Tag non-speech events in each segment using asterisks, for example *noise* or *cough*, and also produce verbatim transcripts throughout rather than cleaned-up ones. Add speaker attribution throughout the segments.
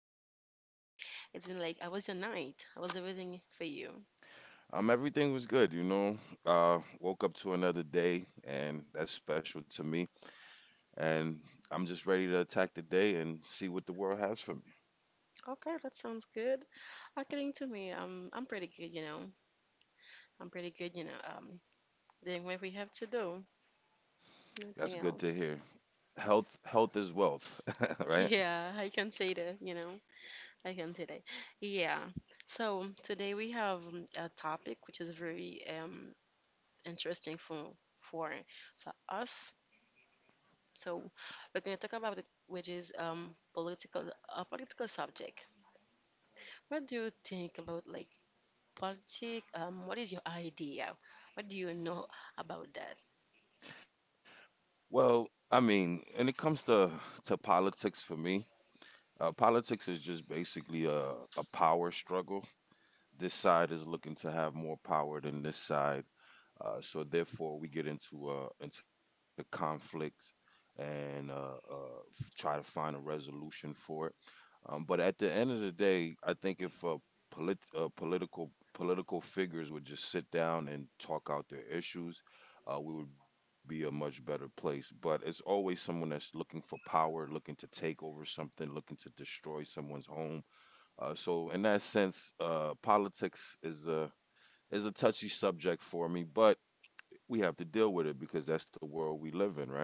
Speaker 1: Okay. It's been like, I was your night. I was everything for you.
Speaker 2: Um, everything was good, you know. Uh, woke up to another day, and that's special to me. And I'm just ready to attack the day and see what the world has for me.
Speaker 1: Okay, that sounds good. According to me, um, I'm pretty good, you know. I'm pretty good, you know, um, doing what we have to do.
Speaker 2: That's
Speaker 1: Nothing
Speaker 2: good to
Speaker 1: else.
Speaker 2: hear. Health, health is wealth, *laughs* right?
Speaker 1: Yeah, I can say that, you know. I can say that. Yeah. So today we have um, a topic which is very um interesting for for for us. So we're going to talk about it, which is um political a political subject. What do you think about, like, politics? Um, what is your idea? What do you know about that?
Speaker 2: Well, I mean, when it comes to to politics for me, uh, politics is just basically a a power struggle. This side is looking to have more power than this side. Uh, so therefore, we get into uh, into conflict and uh, uh, f- try to find a resolution for it. Um, but at the end of the day, I think if uh, polit- uh, political political figures would just sit down and talk out their issues, uh, we would be a much better place. But it's always someone that's looking for power, looking to take over something, looking to destroy someone's home. Uh, so in that sense, uh, politics is a is a touchy subject for me, but we have to deal with it because that's the world we live in, right?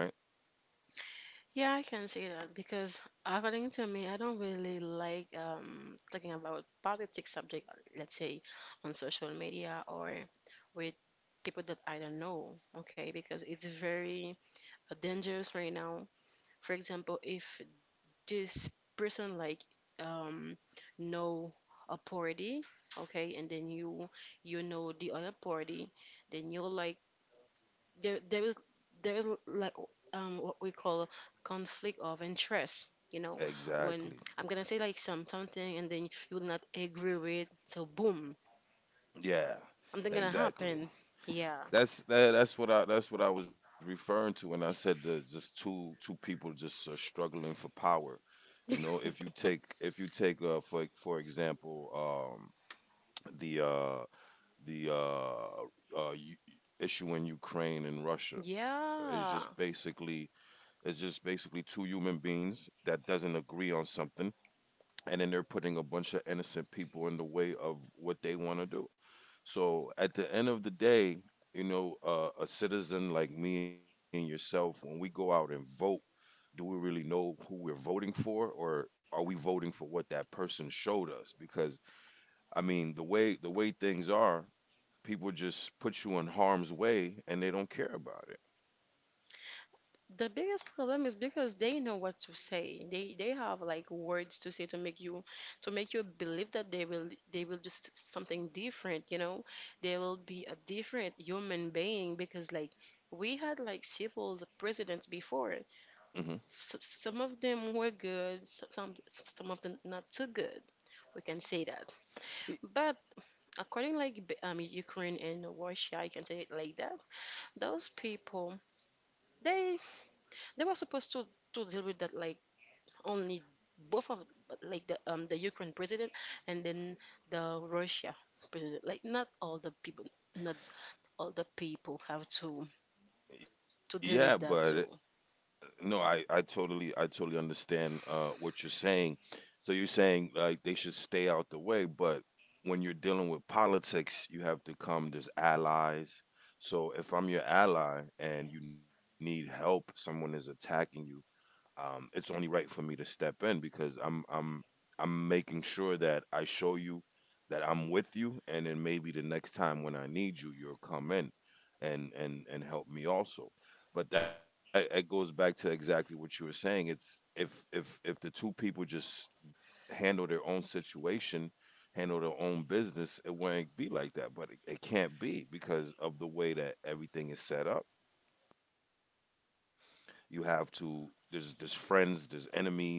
Speaker 1: Yeah, I can say that because according to me, I don't really like um talking about politics subject, let's say on social media or with people that I don't know, okay? Because it's very dangerous right now. For example, if this person, like, um know a party, okay, and then you you know the other party, then you're like there there is there is, like, um what we call conflict of interest you know
Speaker 2: Exactly.
Speaker 1: When I'm gonna say, like, some something, and then you will not agree with, so boom,
Speaker 2: Yeah.
Speaker 1: something gonna
Speaker 2: Exactly.
Speaker 1: happen, yeah.
Speaker 2: That's that, that's what I that's what I was referring to when I said that just two two people just uh, struggling for power. You know, if you take
Speaker 1: *laughs*
Speaker 2: if you take uh, for for example, um, the uh, the uh, uh, u- issue in Ukraine and Russia, it's just
Speaker 1: Yeah.
Speaker 2: basically it's just basically two human beings that doesn't agree on something, and then they're putting a bunch of innocent people in the way of what they want to do. So at the end of the day, you know, uh, a citizen like me and yourself, when we go out and vote, do we really know who we're voting for, or are we voting for what that person showed us? Because I mean, the way the way things are, people just put you in harm's way and they don't care about it.
Speaker 1: The biggest problem is because they know what to say. They they have, like, words to say to make you to make you believe that they will they will do s- something different, you know? They will be a different human being, because, like, we had, like, several presidents before.
Speaker 2: Hmm.
Speaker 1: S some of them were good, s- some some of them not too good. We can say that. But according, like, B- um Ukraine and Russia, I can say it like that. Those people, they they were supposed to to deal with that, like, only both of, like, the um the Ukraine president and then the Russia president. Like, not all the people, not all the people have to to deal
Speaker 2: Yeah,
Speaker 1: with that too.
Speaker 2: but no, I, I totally I totally understand uh, what you're saying. So you're saying like they should stay out the way, but when you're dealing with politics, you have to come as allies. So if I'm your ally and you need help, someone is attacking you, um, it's only right for me to step in because I'm I'm I'm making sure that I show you that I'm with you, and then maybe the next time when I need you, you'll come in and and and help me also. But that it goes back to exactly what you were saying. It's if if if the two people just handle their own situation, handle their own business, it wouldn't be like that. But it, it can't be because of the way that everything is set up. You have to there's there's friends, there's enemies,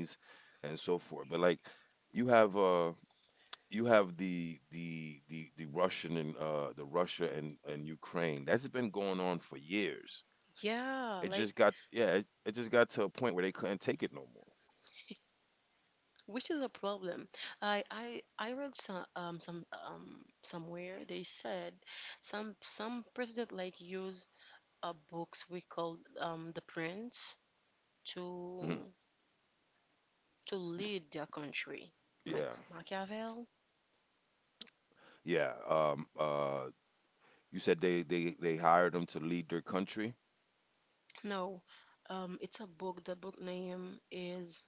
Speaker 2: and so forth. But like you have uh you have the the the the Russian and uh the Russia and and Ukraine. That's been going on for years. It
Speaker 1: Yeah,
Speaker 2: just
Speaker 1: like,
Speaker 2: got, yeah, it, it just got to a point where they couldn't take it no more.
Speaker 1: which is a problem. I I I read some, um some um somewhere they said some some president, like, use a books we call, um The Prince,
Speaker 2: Hmm.
Speaker 1: to to
Speaker 2: You, s-
Speaker 1: lead their country. Ma-
Speaker 2: yeah,
Speaker 1: Machiavelli.
Speaker 2: yeah. Um uh, you said they they they hired them to lead their country.
Speaker 1: No, um, it's a book. The book name is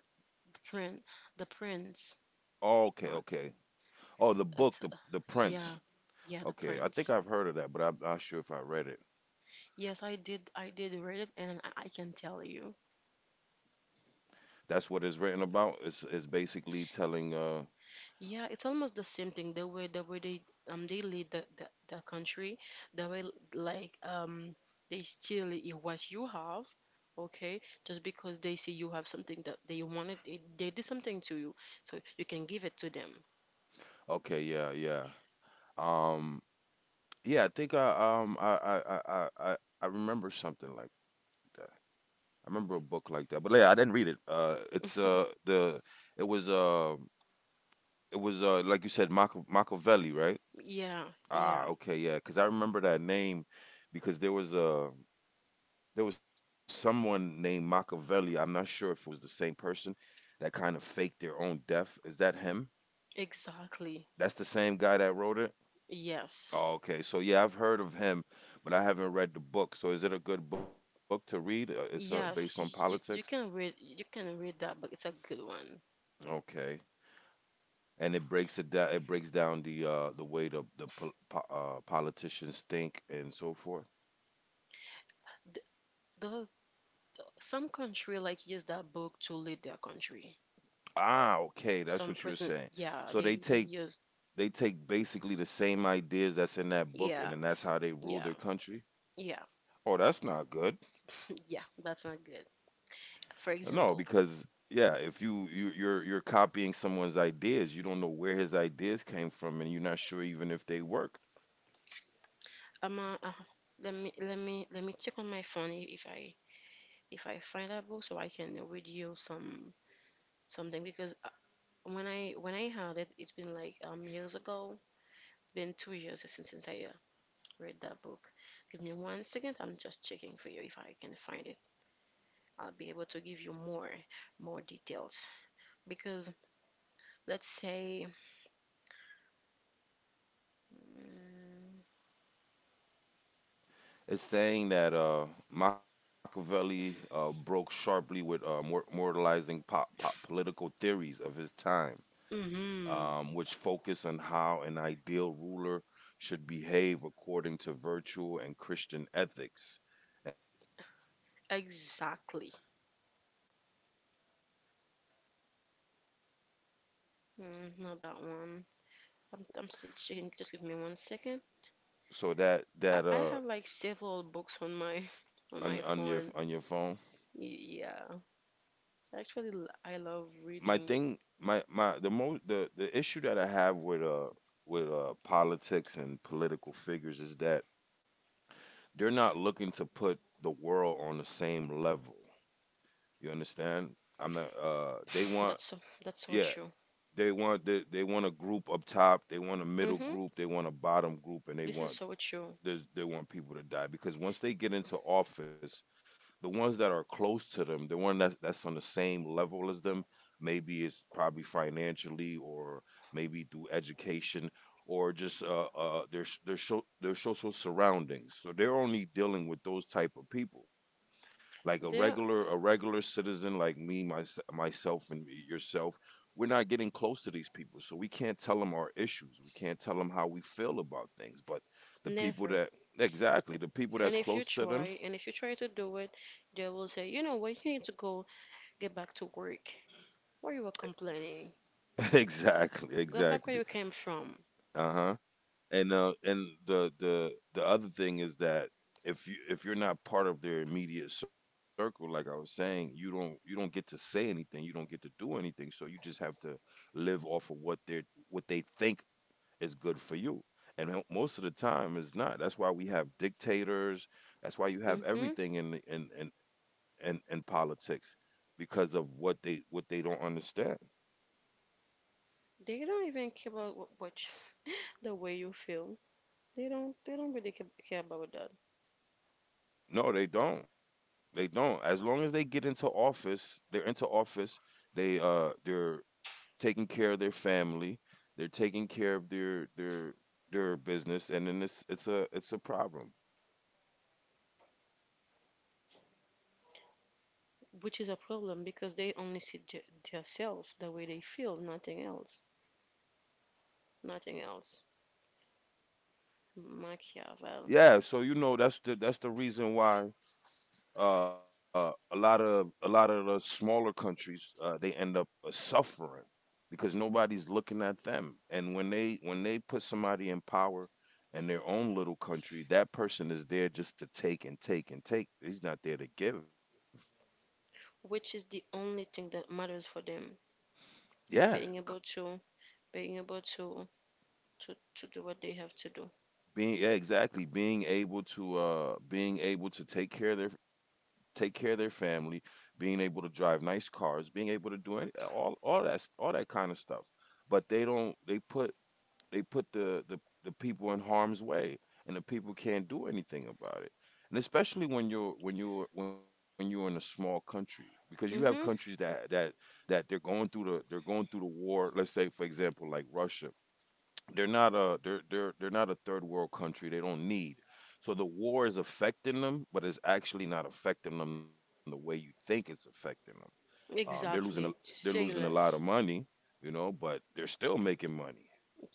Speaker 1: The Prince. The Prince,
Speaker 2: Oh, okay,
Speaker 1: Mark.
Speaker 2: okay. Oh, the book,
Speaker 1: It's,
Speaker 2: the
Speaker 1: uh,
Speaker 2: the
Speaker 1: yeah,
Speaker 2: Prince.
Speaker 1: yeah, The
Speaker 2: Okay, I think
Speaker 1: Prince.
Speaker 2: I've heard of that, but I'm not sure if I read it.
Speaker 1: Yes, I did. I did read it, and I, I can tell you.
Speaker 2: That's what it's written about. It's it's basically telling uh
Speaker 1: Yeah, it's almost the same thing. The way the way they, um they lead the the, the country, the way, like, um they steal, i- what you have, okay? Just because they see you have something that they wanted, they, they did something to you, so you can give it to them.
Speaker 2: okay, yeah, yeah. Um yeah, I think I um I I I I, I I remember something like that. I remember a book like that. But yeah, I didn't read it. Uh it's uh
Speaker 1: *laughs*
Speaker 2: the it was uh it was uh like you said, Mach- Machiavelli, right?
Speaker 1: Yeah,
Speaker 2: Ah,
Speaker 1: yeah.
Speaker 2: okay, yeah, cuz I remember that name because there was a there was someone named Machiavelli. I'm not sure if it was the same person that kind of faked their own death. Is that him?
Speaker 1: Exactly.
Speaker 2: That's the same guy that wrote it?
Speaker 1: Yes.
Speaker 2: Oh, okay. So yeah, I've heard of him, but I haven't read the book. So is it a good book to read? Uh, It's uh, based on
Speaker 1: Yes,
Speaker 2: politics.
Speaker 1: you, you, you can read you can read that, but it's a good one.
Speaker 2: Okay. And it breaks it down. It breaks down the uh, the way the the pol- po- uh, politicians think and so forth.
Speaker 1: Th- Those some country, like, use that book to lead their country.
Speaker 2: Ah, okay, that's
Speaker 1: Some
Speaker 2: what you were
Speaker 1: president,
Speaker 2: saying.
Speaker 1: yeah,
Speaker 2: So they
Speaker 1: they they
Speaker 2: take
Speaker 1: use,
Speaker 2: they take basically the same ideas that's in that book,
Speaker 1: yeah,
Speaker 2: and then that's how they rule
Speaker 1: yeah,
Speaker 2: their country.
Speaker 1: yeah,
Speaker 2: Oh, that's not good.
Speaker 1: *laughs* yeah. That's not good.
Speaker 2: No,
Speaker 1: For
Speaker 2: because
Speaker 1: example,
Speaker 2: yeah, if you you you're you're copying someone's ideas, you don't know where his ideas came from, and you're not sure even if they work.
Speaker 1: I'm a, uh, let me let me let me check on my phone, i- if I if I find that book, so I can read you some something because, uh, when I when I had it, it's been like, um years ago. It's been two years since since I, uh, read that book. Give me one second. I'm just checking for you if I can find it. I'll be able to give you more more details, because, let's say, mm,
Speaker 2: It's saying that uh, Machiavelli uh, broke sharply with uh, mor- moralizing pop, pop political theories of his time,
Speaker 1: mm-hmm,
Speaker 2: um, which focus on how an ideal ruler should behave according to virtue and Christian ethics. Instead, he wrote a guide based
Speaker 1: exactly.
Speaker 2: on realist views and how rulers actually behave and what is
Speaker 1: Mm,
Speaker 2: necessary
Speaker 1: not
Speaker 2: for
Speaker 1: that one.
Speaker 2: political
Speaker 1: I'm,
Speaker 2: survival.
Speaker 1: I'm still checking. Just give me one second.
Speaker 2: So that
Speaker 1: I,
Speaker 2: that
Speaker 1: I
Speaker 2: uh
Speaker 1: have, like, several books on my *laughs* on
Speaker 2: on,
Speaker 1: my
Speaker 2: on your
Speaker 1: phone.
Speaker 2: on your phone,
Speaker 1: Yeah, actually, I love
Speaker 2: my
Speaker 1: reading.
Speaker 2: thing, my my the most the the issue that I have with uh with uh politics and political figures is that they're not looking to put the world on the same level. You understand? I'm not. Uh, they
Speaker 1: *laughs*
Speaker 2: want,
Speaker 1: That's so that's so
Speaker 2: yeah.
Speaker 1: true.
Speaker 2: They want, they, they want a group up top. They want a middle
Speaker 1: Mm-hmm.
Speaker 2: group. They want a bottom group, and they
Speaker 1: This is
Speaker 2: want
Speaker 1: so true.
Speaker 2: there's, they want people to die because once they get into office, the ones that are close to them, the one that's that's on the same level as them, maybe it's probably financially, or maybe through education, or just uh, uh, their their, so, their social surroundings. So they're only dealing with those type of people like a
Speaker 1: They're
Speaker 2: regular a regular citizen like me, mys myself and yourself. We're not getting close to these people so we can't tell them our issues, we can't tell them how we feel about things. But the people
Speaker 1: never.
Speaker 2: that, exactly, the people
Speaker 1: And
Speaker 2: that's
Speaker 1: if you
Speaker 2: close to them.
Speaker 1: try, and if you try to do it, they will say, you know what, you need to go get back to work. Why you were complaining?
Speaker 2: *laughs* Exactly
Speaker 1: Go
Speaker 2: exactly.
Speaker 1: back where you came from.
Speaker 2: Uh-huh. And uh and the the the other thing is that if you if you're not part of their immediate circle, like I was saying, you don't you don't get to say anything, you don't get to do anything, so you just have to live off of what they're, what they think is good for you. And mo- most of the time it's not. That's why we have dictators. That's why you have
Speaker 1: Mm-hmm.
Speaker 2: everything in the- in in in, in politics, because of what they, what they don't understand.
Speaker 1: They don't even care about, what, what you- the way you feel. They don't. They don't really, ca- care about that,
Speaker 2: No, they don't. They don't. As long as they get into office, they're into office. They uh they're taking care of their family. They're taking care of their their their business, and then it's it's a it's a problem.
Speaker 1: which is a problem, because they only see, j- themselves, the way they feel, nothing else. Nothing else. Machiavel,
Speaker 2: Yeah. So you know that's the that's the reason why, uh, a lot of a lot of the smaller countries, uh, they end up uh, suffering because nobody's looking at them. And when they, when they put somebody in power in their own little country, that person is there just to take and take and take. He's not there to give.
Speaker 1: which is the only thing that matters for them,
Speaker 2: Yeah,
Speaker 1: being able to, being able to, to, to do what they have to do.
Speaker 2: being yeah, exactly, being able to uh being able to take care of their, take care of their family, being able to drive nice cars, being able to do any, all all that, all that kind of stuff. But they don't. They put, they put the, the the people in harm's way, and the people can't do anything about it, and especially when you're when you're when you're in a small country, because you have countries
Speaker 1: Hmm.
Speaker 2: that that that they're going through the, they're going through the war. Let's say for example like Russia, they're not a, they're they're they're not a third world country, they don't need. So the war is affecting them, but it's actually not affecting them the way you think it's affecting them. Um, they're losing a,
Speaker 1: Exactly.
Speaker 2: they're losing
Speaker 1: Say
Speaker 2: a lot of
Speaker 1: less.
Speaker 2: money, you know, but they're still making money.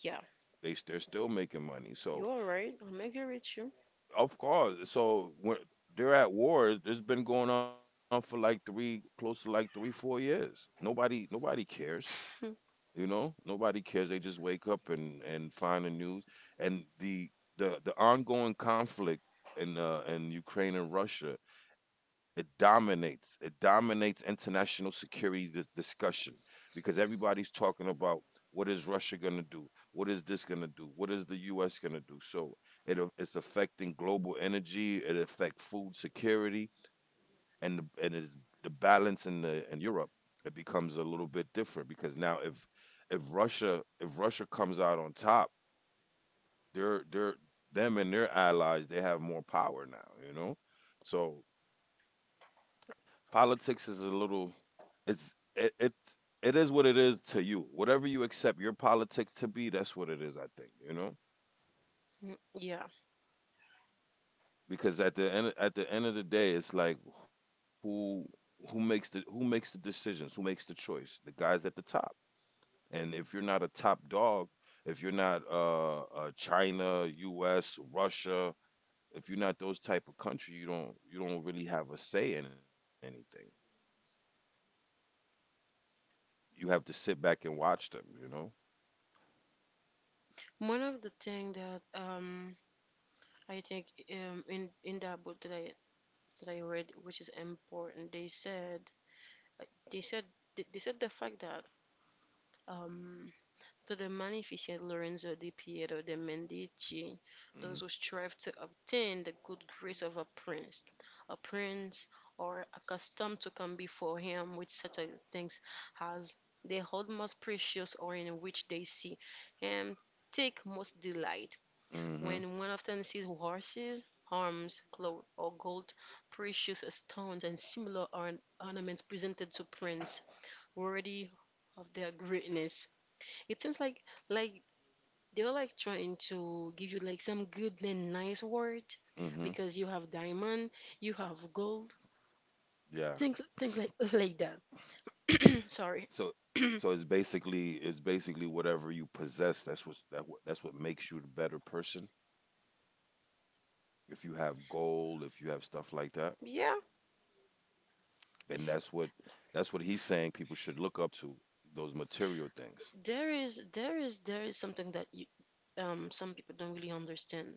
Speaker 1: Yeah,
Speaker 2: They they're still making money. So
Speaker 1: you're right. I'm agree with you.
Speaker 2: of course, so when they're at war, it's been going on for like three, close to like three, four years. Nobody nobody cares.
Speaker 1: *laughs*
Speaker 2: You know, nobody cares. They just wake up and and find the news. And the the the ongoing conflict in uh, in Ukraine and Russia, it dominates. It dominates international security dis- discussion, because everybody's talking about what is Russia going to do? What is this going to do? What is the U S going to do? So it a- it's affecting global energy. It affects food security, and the, and it's the balance in the, in Europe. It becomes a little bit different because now if, if Russia if Russia comes out on top, they're they're them and their allies, they have more power now, you know. So politics is a little, it's, it it it is what it is to you. Whatever you accept your politics to be, that's what it is. I think you know
Speaker 1: Yeah.
Speaker 2: because at the end at the end of the day, it's like who who makes the who makes the decisions, who makes the choice, the guys at the top. And if you're not a top dog, if you're not uh, uh China, U S, Russia, if you're not those type of country, you don't you don't really have a say in anything. You have to sit back and watch them, you know.
Speaker 1: One of the thing that, um I think, um in in that book that I that I read, which is important, they said like, they said they they said the fact that, um to the magnificent Lorenzo di Pietro de' Medici,
Speaker 2: Mm-hmm.
Speaker 1: those who strive to obtain the good grace of a prince, a prince, or accustomed to come before him with such a things as they hold most precious, or in which they see him take most delight,
Speaker 2: Mm-hmm.
Speaker 1: when one often sees horses, arms, cloth, or gold, precious stones, and similar, orn- ornaments presented to prince worthy of their greatness. It seems, like like they were, like, trying to give you, like, some good and nice word,
Speaker 2: Mm-hmm.
Speaker 1: because you have diamond, you have gold,
Speaker 2: Yeah.
Speaker 1: things things, like like that. *clears throat* Sorry.
Speaker 2: So
Speaker 1: *clears throat*
Speaker 2: so it's basically it's basically whatever you possess. That's what that what that's what makes you the better person. If you have gold, if you have stuff like that.
Speaker 1: Yeah,
Speaker 2: And that's what that's what he's saying people should look up to, those material things.
Speaker 1: there is there is there is something that you, um some people don't really understand.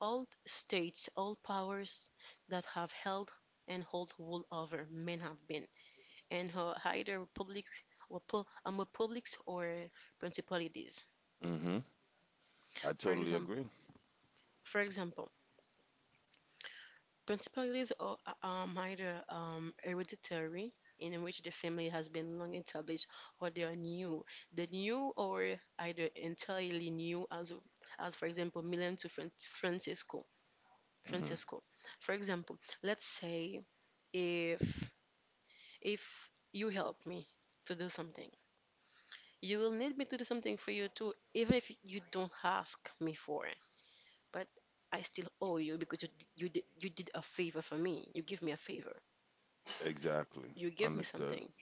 Speaker 1: All states, all powers that have held and hold rule over men have been, and are either republics or, pu- um, republics or principalities.
Speaker 2: Mm-hmm. I
Speaker 1: For
Speaker 2: totally
Speaker 1: example,
Speaker 2: agree.
Speaker 1: for example, principalities are, um, either, um, hereditary, in which the family has been long established, or they are new. The new or either entirely new, as, as for example, Milan to, Fran- Francisco.
Speaker 2: Mm-hmm.
Speaker 1: Francisco. For example, let's say, if, if you help me to do something, you will need me to do something for you too, even if you don't ask me for it. But I still owe you because, you d- you did, you did a favor for me. You give me a favor.
Speaker 2: Exactly.
Speaker 1: You
Speaker 2: Understood.
Speaker 1: give me something.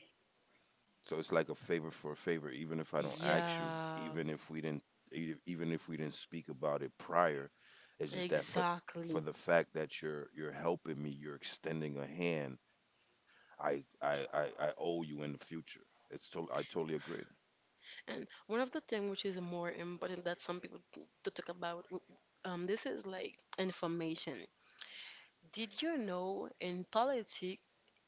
Speaker 2: So it's like a favor for a favor, even if I don't ask you,
Speaker 1: Yeah,
Speaker 2: even if we didn't, e- even if we didn't speak about it prior. It's just that for for
Speaker 1: exactly.
Speaker 2: the fact that you're you're helping me, you're extending a hand. I I I, I owe you in the future. It's total. I totally agree.
Speaker 1: And one of the things which is more important that some people, t- to talk about, w- um, this is like information. Did you know in politics,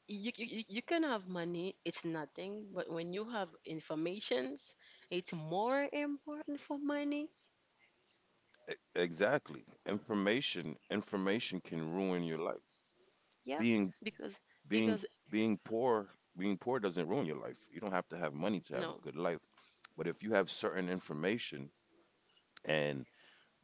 Speaker 1: you, you, you you can have money, it's nothing, but when you have informations, it's more important for money.
Speaker 2: Exactly. Information information can ruin your life.
Speaker 1: Yeah,
Speaker 2: Being
Speaker 1: because,
Speaker 2: being being
Speaker 1: because
Speaker 2: poor, being poor doesn't ruin your life. You don't have to have money to have a
Speaker 1: no,
Speaker 2: good life. But if you have certain information, and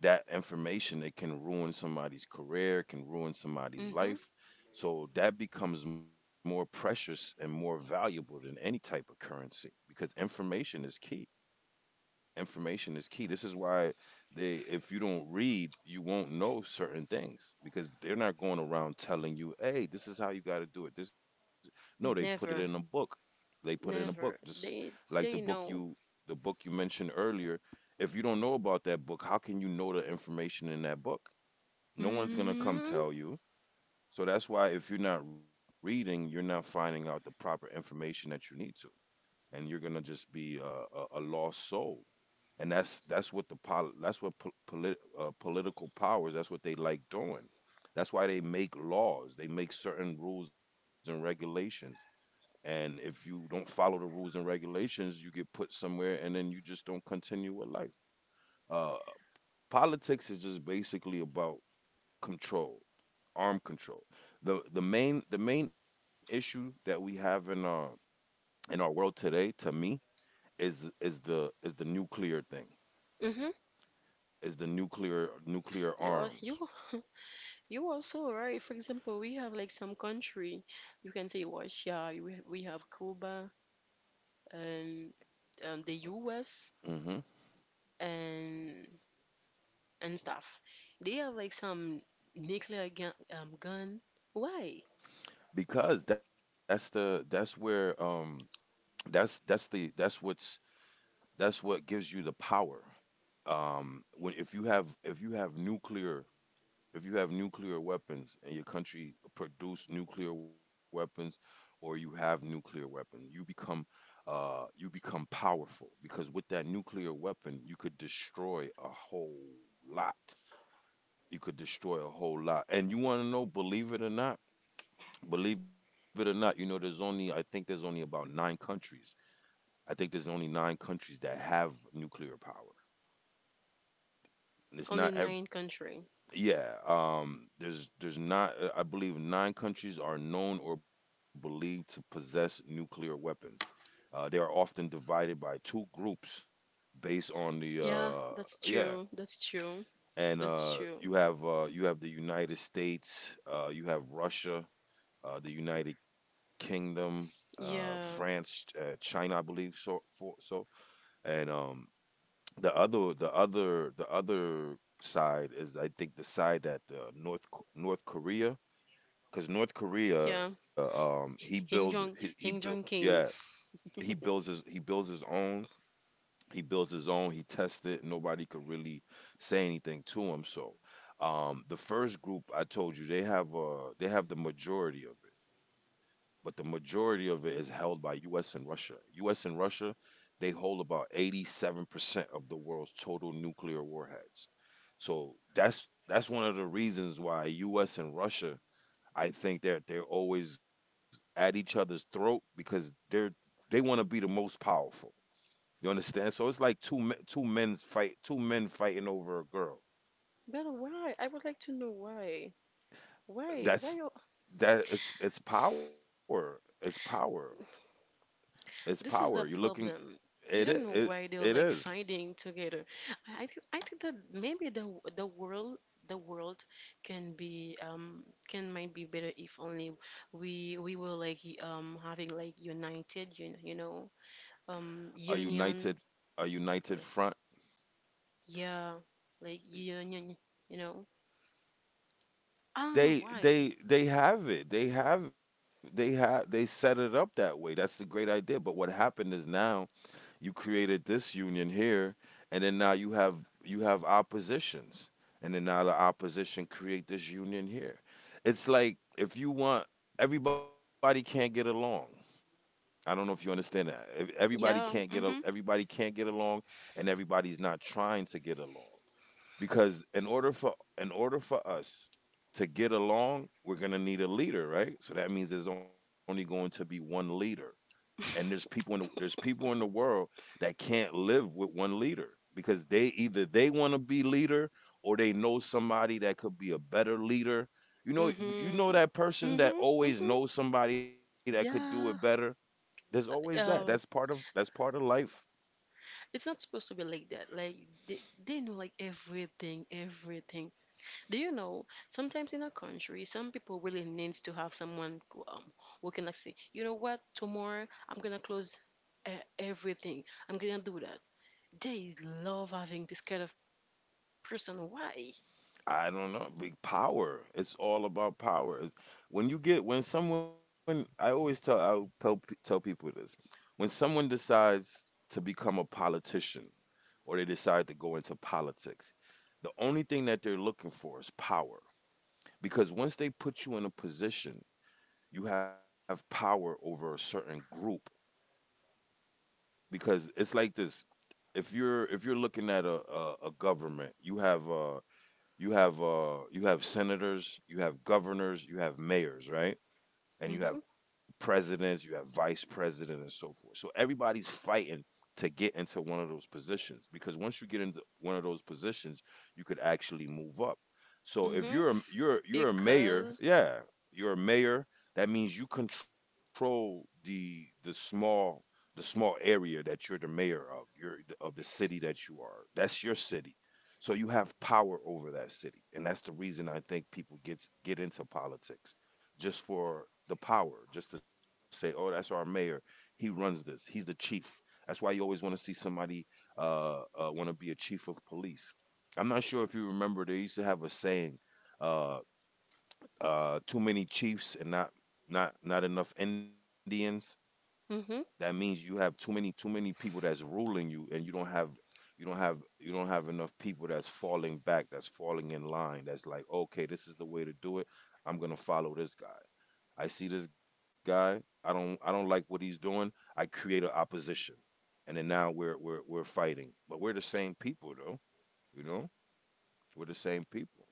Speaker 2: that information, it can ruin somebody's career, can ruin somebody's
Speaker 1: mm-hmm,
Speaker 2: life. So that becomes more precious and more valuable than any type of currency because information is key information is key. This is why they if you don't read, you won't know certain things because they're not going around telling you, "Hey, this is how you got to do it." This No, they put it in a book.
Speaker 1: never,
Speaker 2: They put it in a book,
Speaker 1: never.
Speaker 2: just
Speaker 1: They
Speaker 2: like the book
Speaker 1: they
Speaker 2: you
Speaker 1: know.
Speaker 2: the book you mentioned earlier. If you don't know about that book, how can you know the information in that book? No one's going to come
Speaker 1: Mm-hmm,
Speaker 2: tell you. So that's why if you're not reading, you're not finding out the proper information that you need to, and you're gonna just be a, a, a lost soul. And that's that's what the pol- that's what po- polit- uh, political powers, that's what they like doing. That's why they make laws. They make certain rules and regulations. And if you don't follow the rules and regulations, you get put somewhere, and then you just don't continue with life. Uh, Politics is just basically about control, arm control. the the main The main issue that we have in our in our world today, to me, is is the is the nuclear thing,
Speaker 1: mm-hmm.
Speaker 2: is the nuclear nuclear
Speaker 1: You are
Speaker 2: arms.
Speaker 1: you. *laughs* You also right. For example, we have, like, some country, you can say Russia, you ha- we have Cuba and, um, the U S,
Speaker 2: Hmm.
Speaker 1: and and stuff. They have, like, some nuclear gun, um, gun. Why?
Speaker 2: Because that's the that's where um that's that's the that's what's that's what gives you the power. Um when If you have if you have nuclear if you have nuclear weapons and your country produce nuclear weapons, or you have nuclear weapon, you become, uh you become powerful, because with that nuclear weapon you could destroy a whole lot. You could destroy a whole lot. And you want to know, believe it or not, believe it or not, you know, there's only, I think there's only about nine countries. I think there's only nine countries that have nuclear power. And it's
Speaker 1: Only
Speaker 2: not, ev-
Speaker 1: nine country.
Speaker 2: Yeah, um, there's, there's not, uh, I believe nine countries are known or believed to possess nuclear weapons. Uh, they are often divided by two groups based on the,
Speaker 1: Yeah,
Speaker 2: uh,
Speaker 1: that's
Speaker 2: yeah.
Speaker 1: true. That's true.
Speaker 2: And
Speaker 1: That's
Speaker 2: uh,
Speaker 1: true.
Speaker 2: you have uh, you have the United States, uh, you have Russia, uh, the United Kingdom, uh, France,
Speaker 1: Yeah,
Speaker 2: uh, China, I believe. So, for, so, and um, The other, the other, the other side is, I think, the side that uh, North K-, North Korea. Because North Korea,
Speaker 1: yeah.
Speaker 2: um, he builds, he,
Speaker 1: Hing
Speaker 2: he
Speaker 1: Jong,
Speaker 2: built,
Speaker 1: Hing Jong
Speaker 2: yeah,
Speaker 1: King.
Speaker 2: he builds his, he builds his own, he builds his own. He tests it. Nobody could really say anything to him. So, um, the first group I told you, they have uh they have the majority of it, but the majority of it is held by U S and Russia. U S and Russia, they hold about eighty-seven percent of the world's total nuclear warheads. So that's that's one of the reasons why U S and Russia, I think that they're always at each other's throat because they're, they want to be the most powerful. You understand? So it's like two, two men's fight, two men fighting over a girl.
Speaker 1: But why? I would like to know why. Why?
Speaker 2: That's
Speaker 1: Why?
Speaker 2: that it's it's power. It's power. It's power.
Speaker 1: This
Speaker 2: You're
Speaker 1: is the
Speaker 2: looking,
Speaker 1: problem.
Speaker 2: it
Speaker 1: You
Speaker 2: I-
Speaker 1: don't know
Speaker 2: it
Speaker 1: why they're,
Speaker 2: it
Speaker 1: like,
Speaker 2: is,
Speaker 1: fighting together. I, I think I think that maybe the the world the world can, be um can might be better if only we we were, like, um having, like, united, you, you know um
Speaker 2: a united,
Speaker 1: union,
Speaker 2: a united
Speaker 1: like,
Speaker 2: front.
Speaker 1: yeah, like union you know I don't know
Speaker 2: They
Speaker 1: why.
Speaker 2: they they have it. They have they have they set it up that way. That's the great idea. But what happened is now, you created this union here, and then now you have you have oppositions, and then now the opposition create this union here. It's like if you want, everybody can't get along. I don't know if you understand that. Ev- Everybody can't
Speaker 1: Yeah,
Speaker 2: get al-
Speaker 1: mm-hmm.
Speaker 2: everybody can't get along, and everybody's not trying to get along, because in order for in order for us to get along, we're gonna need a leader, right? So that means there's only going to be one leader, and there's people
Speaker 1: *laughs*
Speaker 2: in the there's people in the world that can't live with one leader, because they either they want to be leader, or they know somebody that could be a better leader, you know, you know,
Speaker 1: Mm-hmm.
Speaker 2: that person that
Speaker 1: Mm-hmm.
Speaker 2: always
Speaker 1: Mm-hmm.
Speaker 2: knows somebody that could do it better.
Speaker 1: Yeah.
Speaker 2: There's always that. That's part
Speaker 1: Um,
Speaker 2: of that's part of life.
Speaker 1: It's not supposed to be like that. Like, they, they know, like, everything, everything. Do you know? Sometimes in a country, some people really needs to have someone who, um, who can, like, say, you know what? Tomorrow I'm gonna close, uh, everything. I'm gonna do that. They love having this kind of person. Why?
Speaker 2: I don't know. Big power. It's all about power. It's- When you get when someone, I always tell I tell, pe- tell people this. When someone decides to become a politician, or they decide to go into politics, the only thing that they're looking for is power. Because once they put you in a position, you have power over a certain group. Because it's like this: if you're if you're looking at a a, a government, you have uh You have uh you have senators, you have governors, you have mayors, right? And you
Speaker 1: Mhm.
Speaker 2: have presidents, you have vice president, and so forth. So everybody's fighting to get into one of those positions, because once you get into one of those positions, you could actually move up. So if
Speaker 1: Mhm.
Speaker 2: you're a, you're you're a mayor,
Speaker 1: Because.
Speaker 2: yeah, you're a mayor. That means you control the the small the small area that you're the mayor of. You're of the city that you are. That's your city. So you have power over that city, and that's the reason I think people gets get into politics just for the power, just to say, oh, that's our mayor. He runs this. He's the chief. That's why you always want to see somebody uh, uh, want to be a chief of police. I'm not sure if you remember they used to have a saying, uh, uh, too many chiefs and not not not enough Indians. That
Speaker 1: Mhm.
Speaker 2: means you have too many too many people that's ruling you, and you don't have, you don't have you don't have enough people that's falling back, that's falling in line, that's like, okay, this is the way to do it. I'm gonna follow this guy. I see this guy, i don't I don't like what he's doing. I create an opposition, and then now we're we're we're fighting, but we're the same people though. You know, we're the same people.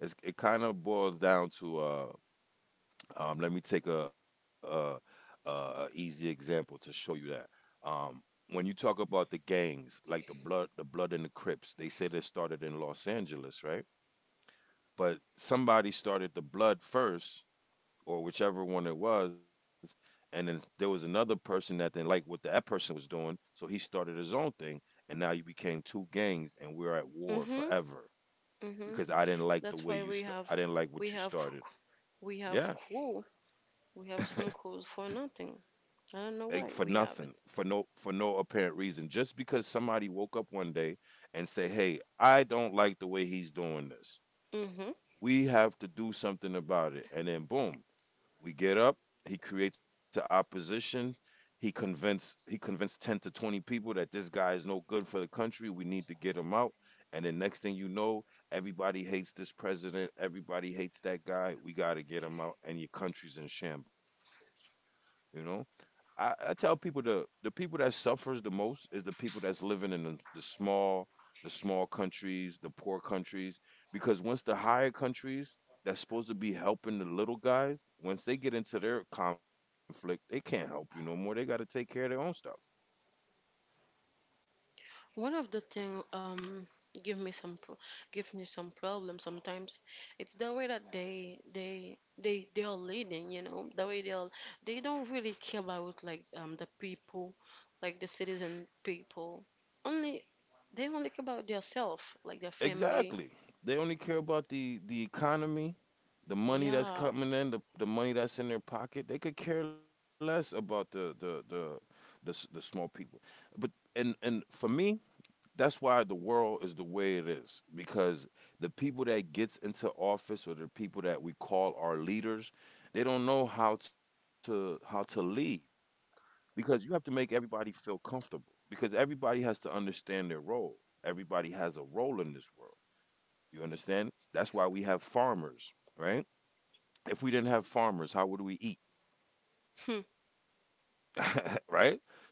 Speaker 2: it's, It kind of boils down to uh um, let me take a, a, a easy example to show you that. Um, when you talk about the gangs, like the blood, the blood and the Crips, they say they started in Los Angeles, right? But somebody started the blood first, or whichever one it was, and then there was another person that didn't like what that person was doing, so he started his own thing, and now you became two gangs, and we're at war
Speaker 1: Mhm.
Speaker 2: forever
Speaker 1: Mhm.
Speaker 2: because I didn't like the
Speaker 1: That's
Speaker 2: way
Speaker 1: why
Speaker 2: you
Speaker 1: we
Speaker 2: start.
Speaker 1: have,
Speaker 2: I didn't like what
Speaker 1: we
Speaker 2: you
Speaker 1: have,
Speaker 2: started.
Speaker 1: we have
Speaker 2: Yeah.
Speaker 1: crew. We have some
Speaker 2: *laughs*
Speaker 1: crews for nothing.
Speaker 2: Like,
Speaker 1: I
Speaker 2: for
Speaker 1: don't know why
Speaker 2: nothing,
Speaker 1: we
Speaker 2: for
Speaker 1: have it.
Speaker 2: no for no apparent reason, just because somebody woke up one day and say, "Hey, I don't like the way he's doing this.
Speaker 1: Mhm.
Speaker 2: We have to do something about it." And then boom, we get up. He creates an opposition. He convinced he convinced ten to twenty people that this guy is no good for the country. We need to get him out. And then next thing you know, everybody hates this president. Everybody hates that guy. We got to get him out. And your country's in shambles. You know, I, I tell people the the people that suffers the most is the people that's living in the, the small the small countries, the poor countries, because once the higher countries that's supposed to be helping the little guys, once they get into their conflict, they can't help you no more. They got to take care of their own stuff.
Speaker 1: One of the thing, um give me some pro- give me some problem sometimes. It's the way that they they they they are leading, you know, the way they are, they don't really care about, like, um the people, like the citizen people. Only they only care about their self, like their family.
Speaker 2: Exactly. They only care about the the economy, the money that's
Speaker 1: Yeah.
Speaker 2: coming in, the, the money that's in their pocket. They could care less about the the the the, s- the small people. But and and for me, that's why the world is the way it is because the people that gets into office or the people that we call our leaders, they don't know how to how to lead because you have to make everybody feel comfortable because everybody has to understand their role. Everybody has a role in this world, you understand? That's why we have farmers, right? If we didn't have farmers, how would we eat?
Speaker 1: Hmm.
Speaker 2: *laughs* Right? So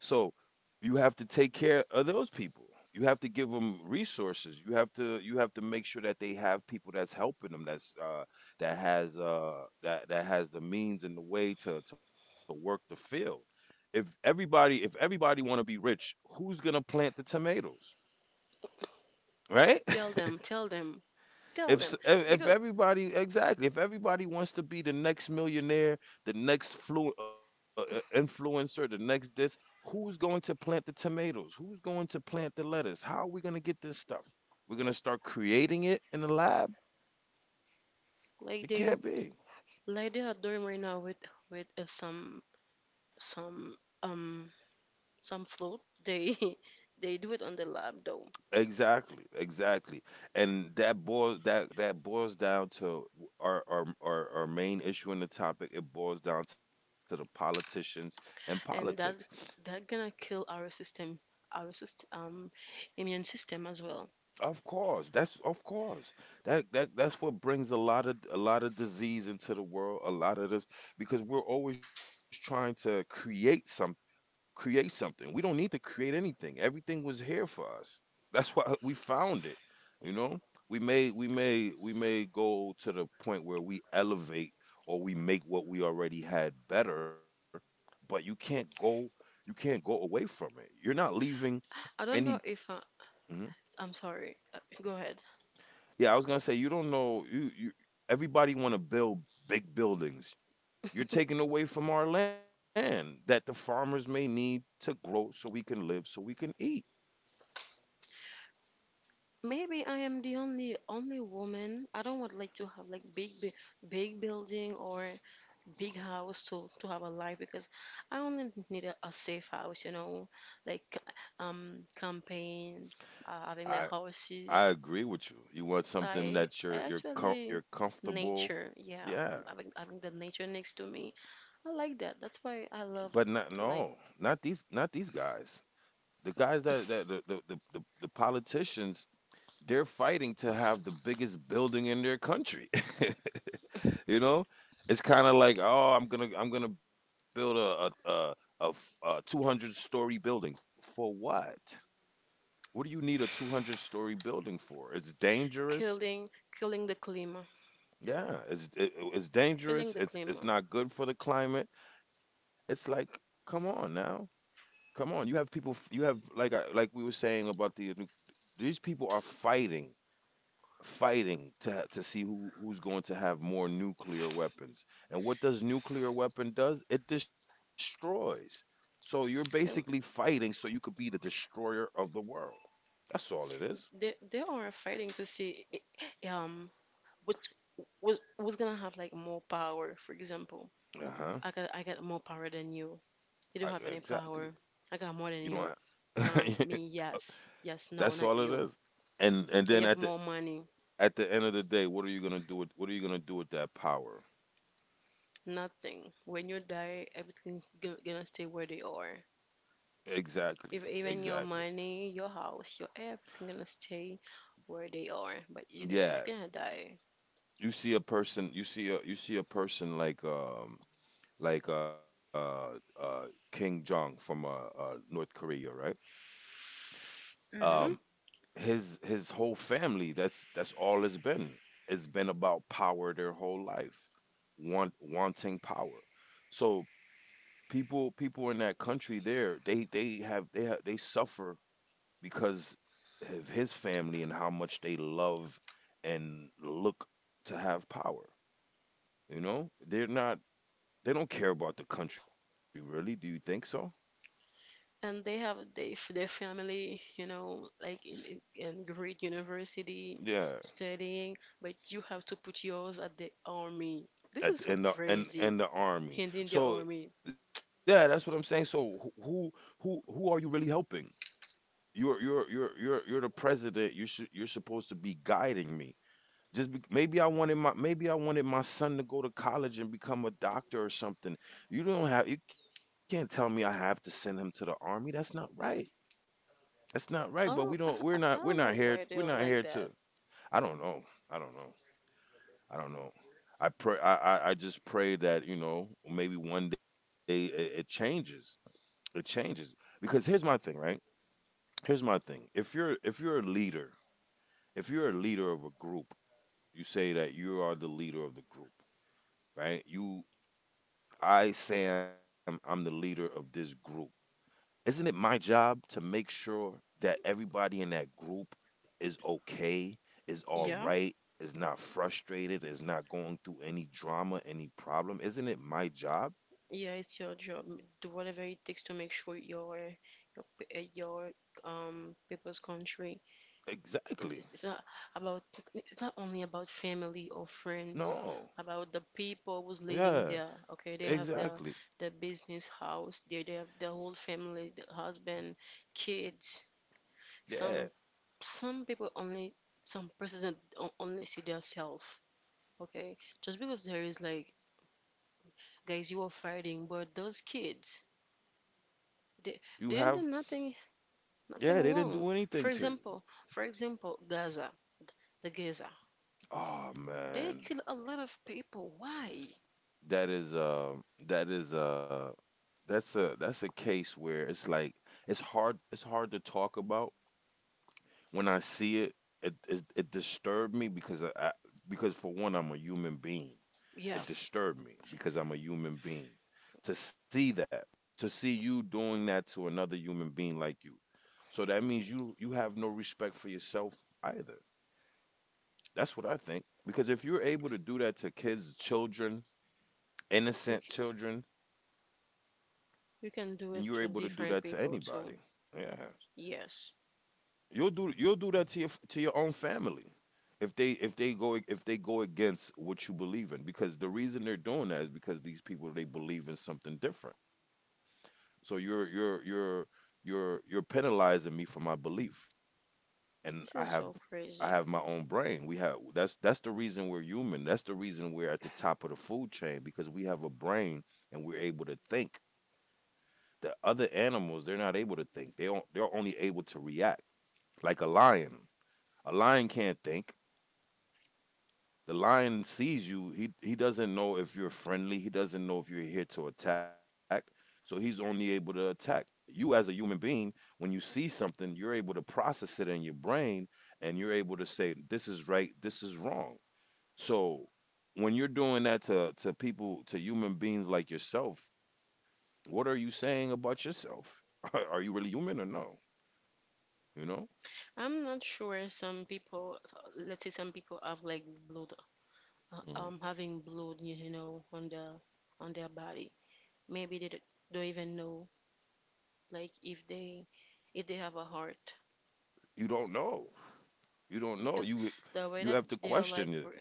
Speaker 2: you have to take care of those people. You have to give them resources. You have to you have to make sure that they have people that's helping them. That's uh, that has uh, that that has the means and the way to to work the field. If everybody if everybody want to be rich, who's gonna plant the tomatoes? Right?
Speaker 1: Tell them,
Speaker 2: *laughs*
Speaker 1: tell them, tell
Speaker 2: If s-
Speaker 1: them,
Speaker 2: if if
Speaker 1: because,
Speaker 2: everybody Exactly. If everybody wants to be the next millionaire, the next flu, uh, uh, influencer, the next this, who's going to plant the tomatoes? Who's going to plant the lettuce? How are we going to get this stuff? We're going to start creating it in the lab.
Speaker 1: like,
Speaker 2: It
Speaker 1: they
Speaker 2: can't be.
Speaker 1: like they are doing right now with, with uh, some some um some float, they *laughs* they do it on the lab, though.
Speaker 2: Exactly, exactly. And that boils that that boils down to our our our, our main issue in the topic. It boils down to the politicians and politics.
Speaker 1: And that that gonna kill our system, our system, um immune system as well.
Speaker 2: Of course, that's of course. That that that's what brings a lot of a lot of disease into the world, a lot of this because we're always trying to create some create something. We don't need to create anything. Everything was here for us. That's *laughs* why we found it. You know? We may we may we may go to the point where we elevate or we make what we already had better, but you can't go you can't go away from it. You're not leaving
Speaker 1: I
Speaker 2: any.
Speaker 1: don't know, if I,
Speaker 2: Mm-hmm.
Speaker 1: I'm sorry, uh, go ahead.
Speaker 2: Yeah, I was gonna say you don't know, you you everybody wanna build big buildings. You're taking away from our land that the farmers may need to grow so we can live, so we can eat.
Speaker 1: Maybe I am the only only woman. I don't would like to have, like, big bu- big building or big house to to have a life, because I only need a, a safe house, you know like, um campaign, uh, having, like,
Speaker 2: I I
Speaker 1: horses.
Speaker 2: agree with you. You want something
Speaker 1: I
Speaker 2: that
Speaker 1: I
Speaker 2: you're you're com-
Speaker 1: actually,
Speaker 2: you're comfortable.
Speaker 1: nature, yeah,
Speaker 2: Yeah.
Speaker 1: having having the nature next to me. I like that. That's why I love,
Speaker 2: But not
Speaker 1: like,
Speaker 2: no, not these not these guys. The guys that, that the, the, the, the, the politicians, they're fighting to have the biggest building in their country. *laughs* you know, it's kind of like, oh, I'm gonna I'm gonna build a a a, a f- a two hundred story building for what? What do you need a two hundred story building for? It's dangerous.
Speaker 1: killing killing the climber,
Speaker 2: Yeah, it's it, it's dangerous.
Speaker 1: killing the
Speaker 2: It's it's
Speaker 1: climber.
Speaker 2: not good for the climate. It's like, come on now, come on. You have people. f- You have, like I, like we were saying about the nu- these people are fighting fighting to to see who who's going to have more nuclear weapons. And what does nuclear weapon does? It destroys. So you're basically
Speaker 1: And
Speaker 2: fighting so you could be the destroyer of the world. That's all it is.
Speaker 1: they they are fighting to see, i- um which, who's was gonna have, like, more power. For example,
Speaker 2: Uh huh.
Speaker 1: I got I got more power than you. You don't have
Speaker 2: Exactly.
Speaker 1: any power. I
Speaker 2: You
Speaker 1: got more
Speaker 2: don't.
Speaker 1: than you. Nah,
Speaker 2: *laughs*
Speaker 1: me yes, yes,
Speaker 2: That's
Speaker 1: no,
Speaker 2: all
Speaker 1: not
Speaker 2: it
Speaker 1: you.
Speaker 2: is. And and
Speaker 1: And
Speaker 2: then
Speaker 1: you have
Speaker 2: at the
Speaker 1: more money.
Speaker 2: at the end of the day, what are you gonna do with what are you gonna do with that power?
Speaker 1: Nothing. When you die, everything go- gonna stay where they are.
Speaker 2: Exactly.
Speaker 1: If
Speaker 2: Exactly.
Speaker 1: even your money, your house, your everything gonna stay where they are. But you going you
Speaker 2: Yeah.
Speaker 1: gonna die.
Speaker 2: You see a person. You see a you see a person like um like uh uh King Jong from uh, uh North Korea, right?
Speaker 1: Hmm
Speaker 2: Um his his whole family, that's that's all it's been. It's been about power their whole life. Want wanting power. So people people in that country there, they they have they have they suffer because of his family and how much they love and look to have power. You know? They're not, they don't care about the country really. Do you think so?
Speaker 1: And they have they their family, you know, like in, in in great university
Speaker 2: Yeah.
Speaker 1: studying, but you have to put yours at the army. This
Speaker 2: at
Speaker 1: is
Speaker 2: the,
Speaker 1: so
Speaker 2: in the in,
Speaker 1: crazy.
Speaker 2: in the army.
Speaker 1: In in the
Speaker 2: So
Speaker 1: army.
Speaker 2: yeah, that's what I'm saying. So wh- who who who are you really helping? You're you're you're you're you're the president. You should you're supposed to be guiding me. Just be, maybe I wanted my Maybe I wanted my son to go to college and become a doctor or something. You don't have You can't tell me I have to send him to the army. That's not right. That's not right. But
Speaker 1: I
Speaker 2: we
Speaker 1: don't I,
Speaker 2: don't we're
Speaker 1: I
Speaker 2: not
Speaker 1: I
Speaker 2: we're
Speaker 1: don't
Speaker 2: not
Speaker 1: know
Speaker 2: here
Speaker 1: why
Speaker 2: we're
Speaker 1: they're
Speaker 2: not
Speaker 1: like
Speaker 2: here
Speaker 1: that.
Speaker 2: to. I don't know. I don't know. I don't know. I pray. I, I I just pray that you know maybe one day it, it changes. It changes because here's my thing, right? Here's my thing. If you're if you're a leader, if you're a leader of a group, you say that you are the leader of the group, right? You, I, Sam, I'm the leader of this group. Isn't it my job to make sure that everybody in that group is okay, is all
Speaker 1: Yeah.
Speaker 2: right, is not frustrated, is not going through any drama, any problem? Isn't it my job?
Speaker 1: Yeah, it's your job. Do whatever it takes to make sure your your p- uh, your um people's country. It's
Speaker 2: Exactly.
Speaker 1: it's, it's not about it's not only about family or friends.
Speaker 2: No.
Speaker 1: About the people who's living
Speaker 2: Yeah.
Speaker 1: there. Okay, they have their
Speaker 2: Exactly.
Speaker 1: their business house. They they have their whole family, the husband, kids.
Speaker 2: Yeah.
Speaker 1: Some some people only some president o- only see themselves. Okay, just because there is like guys you are fighting, but those kids they.
Speaker 2: You
Speaker 1: They do
Speaker 2: have
Speaker 1: nothing.
Speaker 2: Yeah,
Speaker 1: Nothing
Speaker 2: they didn't
Speaker 1: wrong.
Speaker 2: do
Speaker 1: For
Speaker 2: anything to you.
Speaker 1: example, for example, Gaza, the Gaza,
Speaker 2: Oh
Speaker 1: they
Speaker 2: man.
Speaker 1: kill a lot of people. Why?
Speaker 2: That is uh that is uh that's a that's a case where it's like it's hard it's hard to talk about. When I see it, it it, it disturbed me because I, I because for one, I'm a human being.
Speaker 1: Yeah,
Speaker 2: It disturbed me because I'm a human being. To see that, to see you doing that to another human being like you, so that means you you have no respect for yourself either. That's what I think. Because if you're able to do that to kids, children,
Speaker 1: you,
Speaker 2: innocent
Speaker 1: c-
Speaker 2: children,
Speaker 1: you
Speaker 2: then
Speaker 1: can
Speaker 2: you're
Speaker 1: do
Speaker 2: able
Speaker 1: it
Speaker 2: to
Speaker 1: to
Speaker 2: do that to
Speaker 1: different
Speaker 2: anybody.
Speaker 1: people too.
Speaker 2: Yeah.
Speaker 1: Yes,
Speaker 2: You'll do you'll do that to your to your own family if they if they go if they go against what you believe in, because the reason they're doing that is because these people, they believe in something different. So you're you're you're you're you're penalizing me for my belief, and I
Speaker 1: this
Speaker 2: have
Speaker 1: is so
Speaker 2: I
Speaker 1: crazy.
Speaker 2: have my own brain. We have that's that's the reason we're human. That's the reason we're at the top of the food chain because we have a brain and we're able to think. The other animals, they're not able to think. They on, they're only able to react. Like a lion, a lion can't think. The lion sees you. He he doesn't know if you're friendly. He doesn't know if you're here to attack. So he's only able to attack. You, as a human being, when you see something, you're able to process it in your brain, and you're able to say this is right, this is wrong. So when you're doing that to to people, to human beings like yourself, what are you saying about yourself? *laughs* Are you really human or no? You know?
Speaker 1: I'm not sure some people, let's say some people have like blood, uh,
Speaker 2: Mhm.
Speaker 1: um, having blood, you know, on the on their body. Maybe they d- don't even know like if they if they have a heart
Speaker 2: You don't know. You don't know.
Speaker 1: because
Speaker 2: You
Speaker 1: the way
Speaker 2: you
Speaker 1: that
Speaker 2: have to
Speaker 1: they are like.
Speaker 2: question it.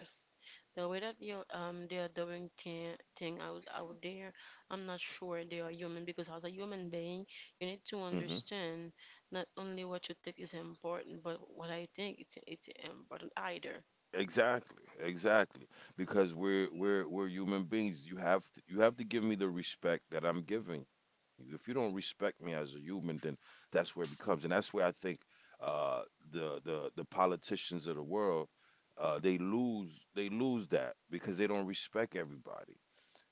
Speaker 1: The way that you um they are doing thing thing out out there, I'm not sure they are human because as a human being, you need
Speaker 2: Hmm.
Speaker 1: to understand not only what you think is important, but what I think it's it's important either.
Speaker 2: Exactly. Exactly. Because we're we're we're human beings. You have to you have to give me the respect that I'm giving you. If you don't respect me as a human, then that's where it becomes, and that's where I think, uh, the the the politicians of the world, uh, they lose, they lose that because they don't respect everybody.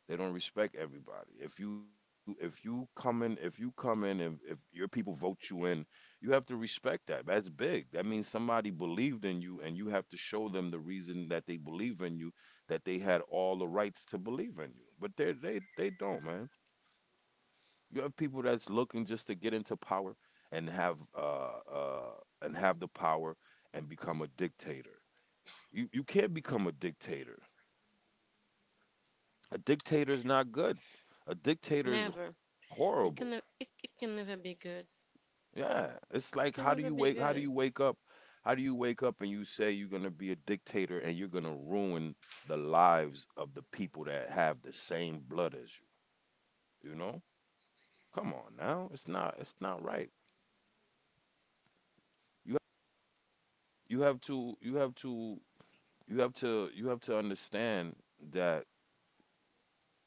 Speaker 2: They don't respect everybody. If you if you come in if you come in, and if your people vote you in, you have to respect that. That's big. That means somebody believed in you, and you have to show them the reason that they believe in you, that they had all the rights to believe in you. But they they they don't, man. You have people that's looking just to get into power and have uh uh and have the power and become a dictator. You you can't become a dictator. A dictator's not good. A dictator's
Speaker 1: Never.
Speaker 2: horrible.
Speaker 1: It can ne- it, it can never be good.
Speaker 2: Yeah. It's like,
Speaker 1: It
Speaker 2: how do
Speaker 1: can
Speaker 2: you
Speaker 1: never
Speaker 2: wake
Speaker 1: be
Speaker 2: how do you
Speaker 1: good.
Speaker 2: wake up? How do you wake up and you say you're going to be a dictator, and you're going to ruin the lives of the people that have the same blood as you, you know? Come on now. It's not it's not right. You you have to you have to you have to you have to understand that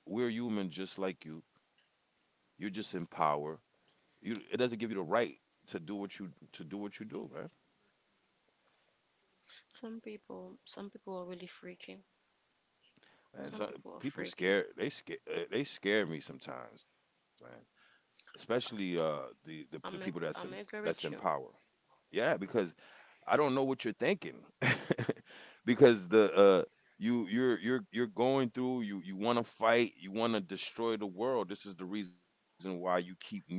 Speaker 2: we're human just like you. You're just in power. You It doesn't give you the right to do what you to do what you do, man.
Speaker 1: Some people some people are really freaky.
Speaker 2: Man,
Speaker 1: Some
Speaker 2: so
Speaker 1: people are
Speaker 2: people
Speaker 1: freaky.
Speaker 2: scared. They scare. They scare me sometimes, man. Especially uh the the, the people
Speaker 1: I'm
Speaker 2: that's
Speaker 1: ag-
Speaker 2: in,
Speaker 1: I'm
Speaker 2: that's
Speaker 1: agree
Speaker 2: in
Speaker 1: with you.
Speaker 2: power. Yeah, because I don't know what you're thinking. *laughs* Because the uh you you're you're you're going through, you you want to fight, you want to destroy the world. This is the reason why you keep nuclear,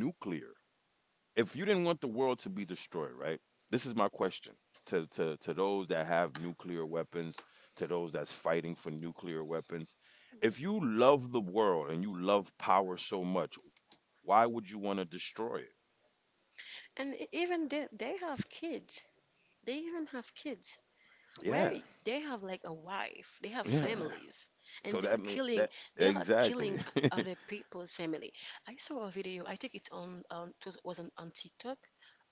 Speaker 2: if you didn't want the world to be destroyed, right? This is my question to to to those that have nuclear weapons, to those that's fighting for nuclear weapons. If you love the world and you love power so much, why would you want to destroy it?
Speaker 1: And e- even they they have kids. They even have kids,
Speaker 2: Yeah,
Speaker 1: where they have like a wife, they have
Speaker 2: yeah.
Speaker 1: families, and
Speaker 2: So
Speaker 1: they are
Speaker 2: that mean
Speaker 1: killing,
Speaker 2: that
Speaker 1: they are killing
Speaker 2: exactly. *laughs*
Speaker 1: other people's family. I saw a video. I think it's on, um, it was, was on, on TikTok.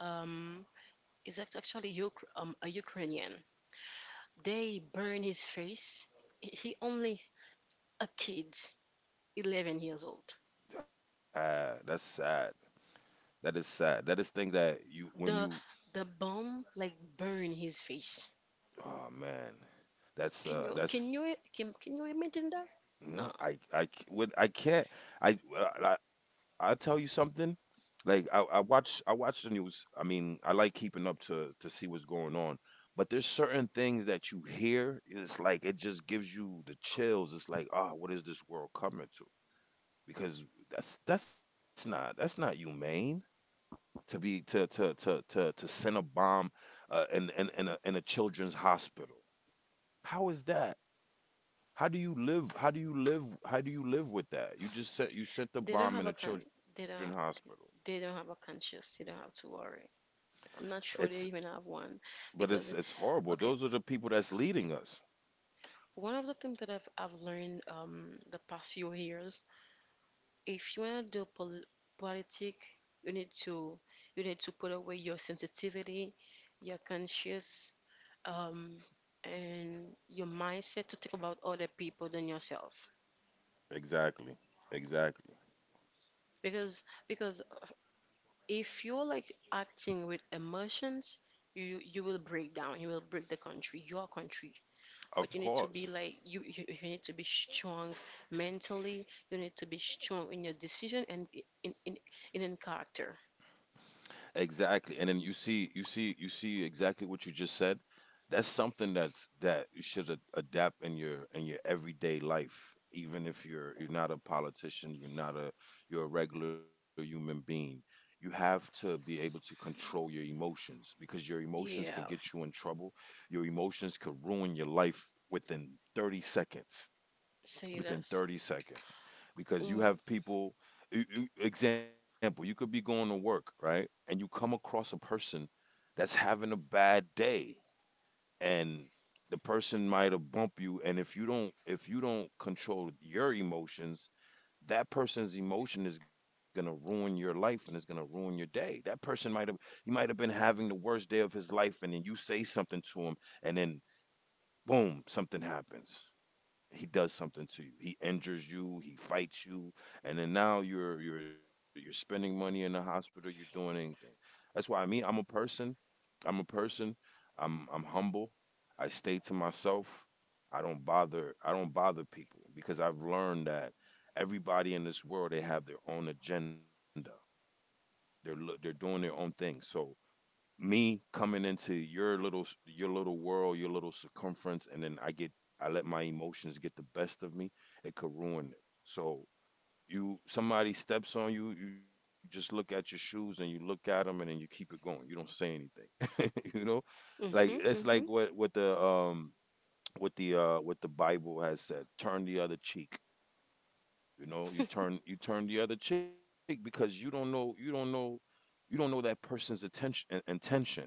Speaker 1: Um, it's act- actually Uk- um, a Ukrainian. They burn his face. He he only a kid, eleven years old.
Speaker 2: Ah, that's sad. That is sad. That is things that you
Speaker 1: The
Speaker 2: when you
Speaker 1: the bomb like burn his face.
Speaker 2: oh man, that's
Speaker 1: Can
Speaker 2: uh
Speaker 1: you can
Speaker 2: that's
Speaker 1: you can, can you imagine that? No,
Speaker 2: No, I I c- would I can't. I well, I I'll tell you something. Like I, I watch I watch the news. I mean, I like keeping up to to see what's going on. But there's certain things that you hear. It's like it just gives you the chills. It's like, ah, what is this world coming to? Because that's that's not that's not humane to be to to to to to send a bomb uh, in in in a in a children's hospital. How is that? How do you live? How do you live? How do you live with that? You just sent you sent the
Speaker 1: they don't
Speaker 2: bomb
Speaker 1: have
Speaker 2: in
Speaker 1: a
Speaker 2: a
Speaker 1: can.
Speaker 2: children's
Speaker 1: They don't.
Speaker 2: hospital.
Speaker 1: They don't have a conscience. They don't have to worry. I'm not
Speaker 2: It's
Speaker 1: sure they even have one
Speaker 2: But it's
Speaker 1: because,
Speaker 2: it's horrible.
Speaker 1: okay,
Speaker 2: Those are the people that's leading us.
Speaker 1: one of the things that I've, I've learned, um, the past few years, if you want to do pol- politics, you need to you need to put away your sensitivity, your conscience, um, and your mindset to think about other people than yourself.
Speaker 2: Exactly. Exactly.
Speaker 1: Because because if you're like acting with emotions, you you will break down. You will break the country, your country. But
Speaker 2: Of
Speaker 1: you need to
Speaker 2: course.
Speaker 1: be like you, you you need to be strong mentally. You need to be strong in your decision and i- in in in, in character.
Speaker 2: Exactly. And then you see you see you see exactly what you just said. That's something that's that you should a- adapt in your in your everyday life. Even if you're you're not a politician, you're not a you're a regular human being. You have to be able to control your emotions because your emotions can
Speaker 1: Yeah,
Speaker 2: get you in trouble. Your emotions could ruin your life within thirty seconds,
Speaker 1: say
Speaker 2: within
Speaker 1: less.
Speaker 2: thirty seconds, because you
Speaker 1: Mm.
Speaker 2: have people e- e- example, you could be going to work, right, and you come across a person that's having a bad day, and the person might have bumped you, and if you don't if you don't control your emotions, that person's emotion is going to ruin your life and it's going to ruin your day. That person might have he might have been having the worst day of his life, and then you say something to him, and then boom, something happens, he does something to you. He injures you, he fights you, and then now you're you're you're spending money in the hospital, you're doing anything. That's why me, I'm a person. I'm a person. I'm I'm humble. I stay to myself. I don't bother I don't bother people because I've learned that everybody in this world, they have their own agenda. They're lo- they're doing their own thing. So me coming into your little your little world, your little circumference, and then I get I let my emotions get the best of me, it could ruin it. So you somebody steps on you, you just look at your shoes and you look at them and then you keep it going. You don't say anything. *laughs* You know? Like
Speaker 1: Mhm.
Speaker 2: it's like
Speaker 1: Mhm.
Speaker 2: what what the um what the uh what the Bible has said, turn the other cheek. You know, you
Speaker 1: *laughs*
Speaker 2: turn you turn the other cheek because you don't know you don't know you don't know that person's attention intention,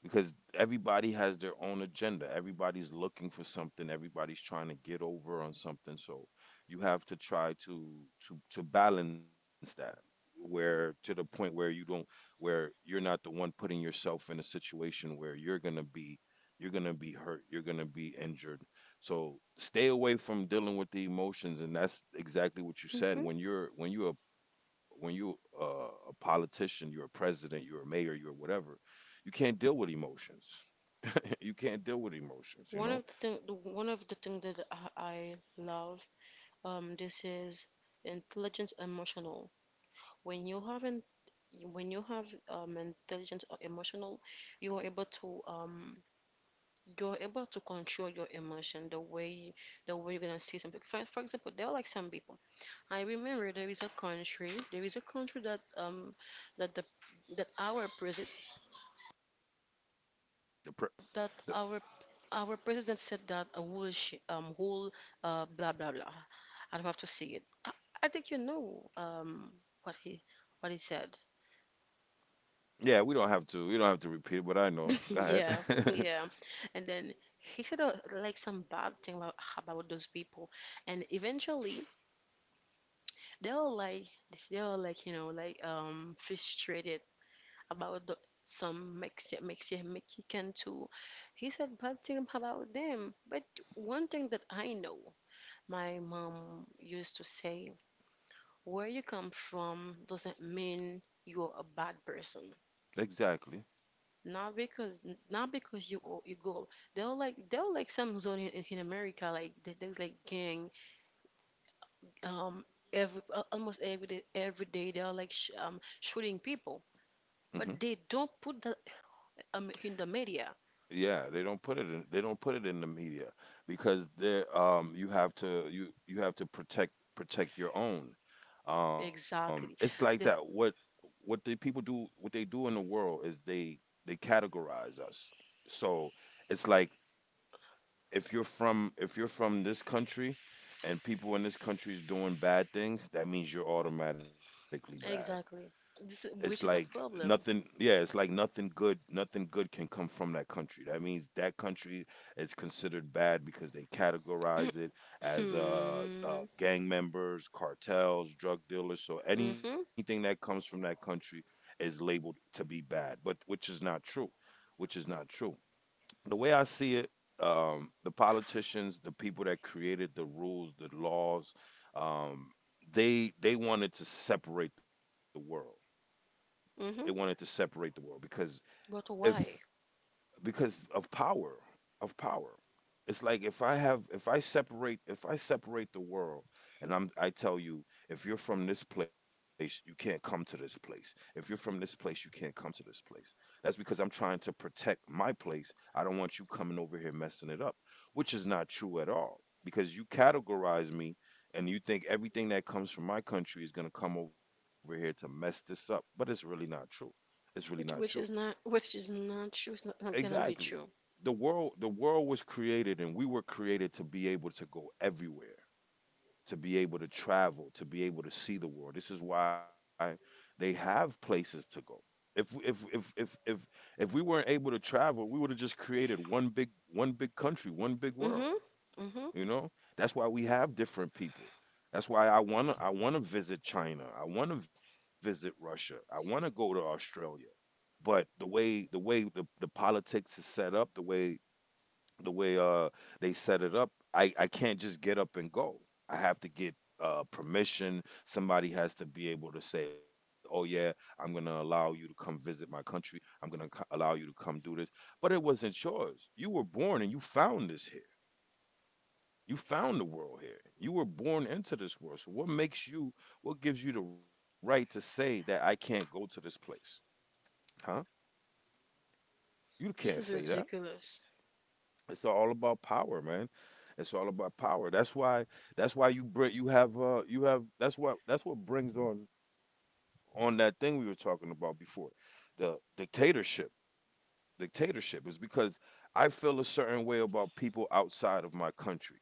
Speaker 2: because everybody has their own agenda. Everybody's looking for something. Everybody's trying to get over on something. So you have to try to to to balance that, where to the point where you don't where you're not the one putting yourself in a situation where you're going to be you're going to be hurt, you're going to be injured. So stay away from dealing with the emotions, and that's exactly what you said.
Speaker 1: Mhm.
Speaker 2: When you're when you're a, when you uh, a politician, you're a president, you're a mayor, you're whatever, you can't deal with emotions. *laughs* You can't deal with emotions. You
Speaker 1: One
Speaker 2: know
Speaker 1: of the thing, the- one of the thing that I, I love, um, this is intelligence emotional. When you have in, when you have um intelligence or emotional, you are able to um you're able to control your emotion the way the way you're gonna see something. for, for example, there are like some people. I remember there is a country there is a country that um that the that our president
Speaker 2: the, pre-
Speaker 1: that
Speaker 2: the
Speaker 1: our our president said that a whole sh- um whole uh blah blah blah. I don't have to see it. i, I think you know um what he what he said.
Speaker 2: yeah. We don't have to. You don't have to repeat it, but I know.
Speaker 1: *laughs*
Speaker 2: Go
Speaker 1: yeah,
Speaker 2: ahead.
Speaker 1: yeah. And then he said, uh, like some bad thing about, about those people. And eventually they are like they are like you know like um frustrated about the, some Mexican Mexican Mexican too. He said bad thing about them, but one thing that I know, my mom used to say, where you come from doesn't mean you're a bad person.
Speaker 2: *laughs* Exactly.
Speaker 1: Not because not because you o- you go. They're like they're like some zone in, in America like there- there's like gang, um, every al- almost every day every day they're like sh um shooting people.
Speaker 2: Hmm.
Speaker 1: But they don't put that, um, in the media.
Speaker 2: Yeah, they don't put it in. They don't put it in the media because they um. you have to you you have to protect protect your own. Um, it's like
Speaker 1: Exactly.
Speaker 2: that. What
Speaker 1: The
Speaker 2: what the people do, what they do in the world, is they they categorize us. So it's like if you're from if you're from this country, and people in this country is doing bad things, that means you're automatically bad.
Speaker 1: exactly.
Speaker 2: It's
Speaker 1: This,
Speaker 2: like
Speaker 1: which is a
Speaker 2: nothing
Speaker 1: problem.
Speaker 2: yeah,
Speaker 1: *clears throat*
Speaker 2: it's like nothing good nothing good can come from that country. That means that country is considered bad because they categorize it as uh, uh
Speaker 1: Hmm.
Speaker 2: gang members, cartels, drug dealers, so anything
Speaker 1: Mhm.
Speaker 2: that comes from that country is labeled to be bad, but which is not true, which is not true. The way I see it, um, the politicians, the people that created the rules, the laws, um, they they wanted to separate the world. They wanted to
Speaker 1: Mhm.
Speaker 2: separate the world because
Speaker 1: But
Speaker 2: if
Speaker 1: why?
Speaker 2: because of power, of power. It's like if I have if i separate if I separate the world, and i'm I tell you, if you're from this place you can't come to this place, if you're from this place you can't come to this place. That's because I'm trying to protect my place. I don't want you coming over here messing it up, which is not true at all. Because you categorize me, and you think everything that comes from my country is going to come over here to mess this up, but it's really not true. It's really not
Speaker 1: Which
Speaker 2: true.
Speaker 1: which is not which is not true. It's not, not gonna be
Speaker 2: Exactly.
Speaker 1: true.
Speaker 2: The world the world was created and we were created to be able to go everywhere, to be able to travel, to be able to see the world. This is why they have places to go. If if if if if if we weren't able to travel, we would have just created one big one big country, one big world,
Speaker 1: Mhm. Mhm.
Speaker 2: you know? That's why we have different people. That's why I want to I want to visit China. I want to visit Russia. I want to go to Australia, but the way the way the, the politics is set up, the way the way uh they set it up, I I can't just get up and go. I have to get uh permission. Somebody has to be able to say, "Oh yeah, I'm going to allow you to come visit my country. I'm going to co- allow you to come do this." But it wasn't yours. You were born and you found this here. You found the world here. You were born into this world. So what makes you what gives you the right to say that I can't go to this place? Huh? You can't
Speaker 1: This is
Speaker 2: say that.
Speaker 1: ridiculous.
Speaker 2: It's all about power, man. It's all about power. That's why. That's why you bring. You have. Uh. You have. That's what. That's what brings on, on that thing we were talking about before, the dictatorship. Dictatorship is because I feel a certain way about people outside of my country,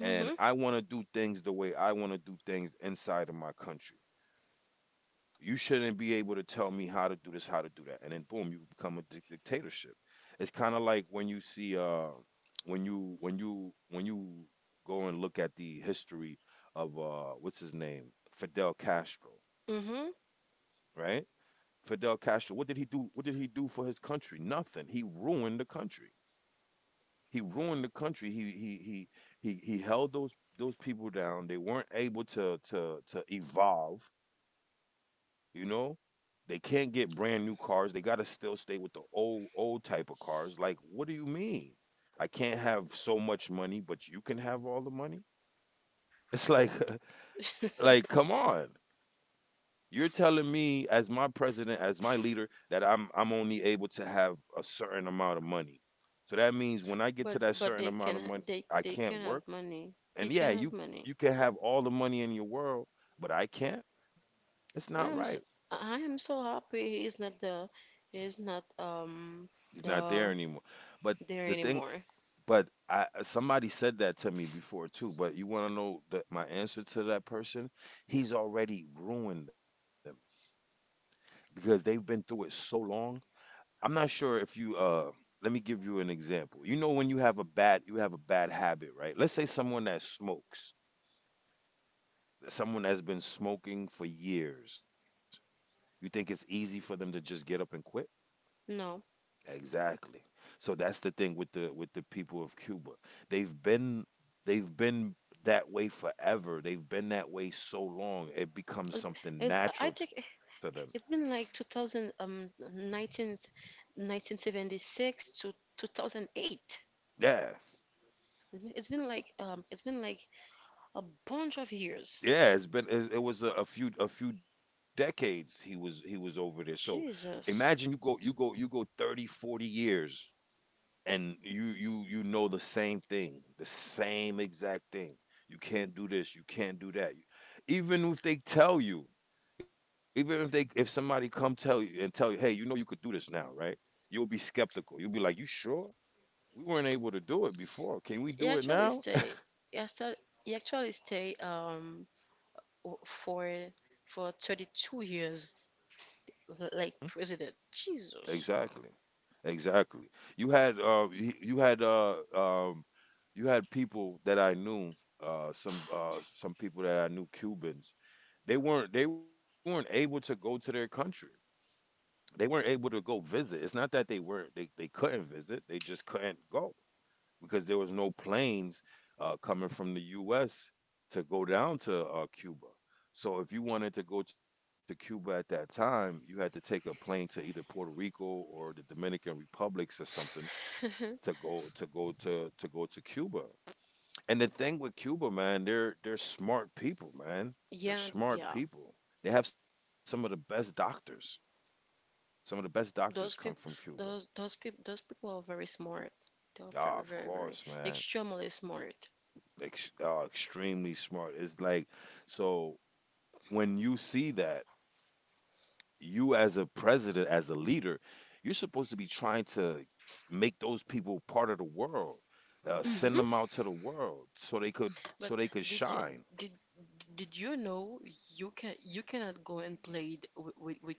Speaker 2: and I want to do things the way I want to do things inside of my country. You shouldn't be able to tell me how to do this, how to do that, and then boom, you become a dic- dictatorship. It's kind of like when you see uh when you when you when you go and look at the history of uh what's his name Fidel Castro,
Speaker 1: Mhm.
Speaker 2: right? Fidel Castro, what did he do? What did he do for his country? Nothing. He ruined the country. He ruined the country. He he he he he held those those people down. They weren't able to to to evolve. You know, they can't get brand new cars. They got to still stay with the old old type of cars. Like, what do you mean? I can't have so much money, but you can have all the money? It's like *laughs* like come
Speaker 1: *laughs*
Speaker 2: on. You're telling me, as my president, as my leader, that I'm I'm only able to have a certain amount of money. So that means when I get to
Speaker 1: But
Speaker 2: that
Speaker 1: but
Speaker 2: certain
Speaker 1: they
Speaker 2: amount of
Speaker 1: can
Speaker 2: money,
Speaker 1: they
Speaker 2: I
Speaker 1: they
Speaker 2: can't
Speaker 1: can
Speaker 2: work.
Speaker 1: have money. He
Speaker 2: And yeah,
Speaker 1: can have
Speaker 2: you
Speaker 1: money.
Speaker 2: you can have all the money in your world, but I can't. It's not right.
Speaker 1: I am so, I am so happy he is not the he is not um
Speaker 2: He's not there
Speaker 1: the
Speaker 2: anymore. But
Speaker 1: there
Speaker 2: the thing,
Speaker 1: anymore.
Speaker 2: but I uh, somebody said that to me before too. But you want to know the, my answer to that person? He's already ruined them because they've been through it so long. I'm not sure if you. Uh, let me give you an example. You know when you have a bad you have a bad habit, right? Let's say someone that smokes, someone that's been smoking for years. You think it's easy for them to just get up and quit?
Speaker 1: No,
Speaker 2: Exactly. So that's the thing with the with the people of Cuba. They've been they've been that way forever. They've been that way so long. It becomes
Speaker 1: It's-
Speaker 2: something
Speaker 1: it's, I
Speaker 2: natural
Speaker 1: think
Speaker 2: to them.
Speaker 1: it's been like two thousand, um, nineteen, nineteen seventy-six to two thousand eight.
Speaker 2: Yeah.
Speaker 1: It's been, it's been like um, it's been like a bunch of years.
Speaker 2: Yeah, it's been it, it was a, a few a few decades he was he was over there. So imagine you
Speaker 1: Jesus,
Speaker 2: go you go you go thirty forty years, and you you you know the same thing, the same exact thing. You can't do this, you can't do that. Even if they tell you, even if they if somebody come tell you and tell you, hey, you know, you could do this now, right? You'll be skeptical, you'll be like, you sure? We weren't able to do it before, can we
Speaker 1: he
Speaker 2: do it
Speaker 1: actually
Speaker 2: now?
Speaker 1: stay. He actually, he actually stay um w- for for thirty-two years l-
Speaker 2: *laughs*
Speaker 1: like president. Jesus.
Speaker 2: exactly Exactly. You had uh, he- you had uh, um, you had people that I knew. Uh, some uh, some people that I knew, Cubans. They weren't they weren't able to go to their country. They weren't able to go visit. It's not that they weren't, they they couldn't visit. They just couldn't go because there was no planes uh, coming from the U S to go down to uh, Cuba. So if you wanted to go to Cuba at that time, you had to take a plane to either Puerto Rico or the Dominican Republics or something to
Speaker 1: *laughs*
Speaker 2: go to go to to go to Cuba. And the thing with Cuba, man, they're they're smart people, man. They're
Speaker 1: Yeah,
Speaker 2: smart
Speaker 1: yeah.
Speaker 2: people. They have some of the best doctors. Some of the best doctors
Speaker 1: Those
Speaker 2: come from
Speaker 1: people,
Speaker 2: Cuba.
Speaker 1: those those people, those people are very smart. They are
Speaker 2: Ah,
Speaker 1: very,
Speaker 2: of
Speaker 1: very, very
Speaker 2: course, man.
Speaker 1: extremely smart.
Speaker 2: Ex- ah, extremely smart. It's like, so when you see that, you as a president, as a leader, you're supposed to be trying to make those people part of the world. Uh, send
Speaker 1: Hmm
Speaker 2: them out to the world so they could
Speaker 1: But
Speaker 2: so they could
Speaker 1: did you
Speaker 2: shine.
Speaker 1: did did you know you can you cannot go and play with with with,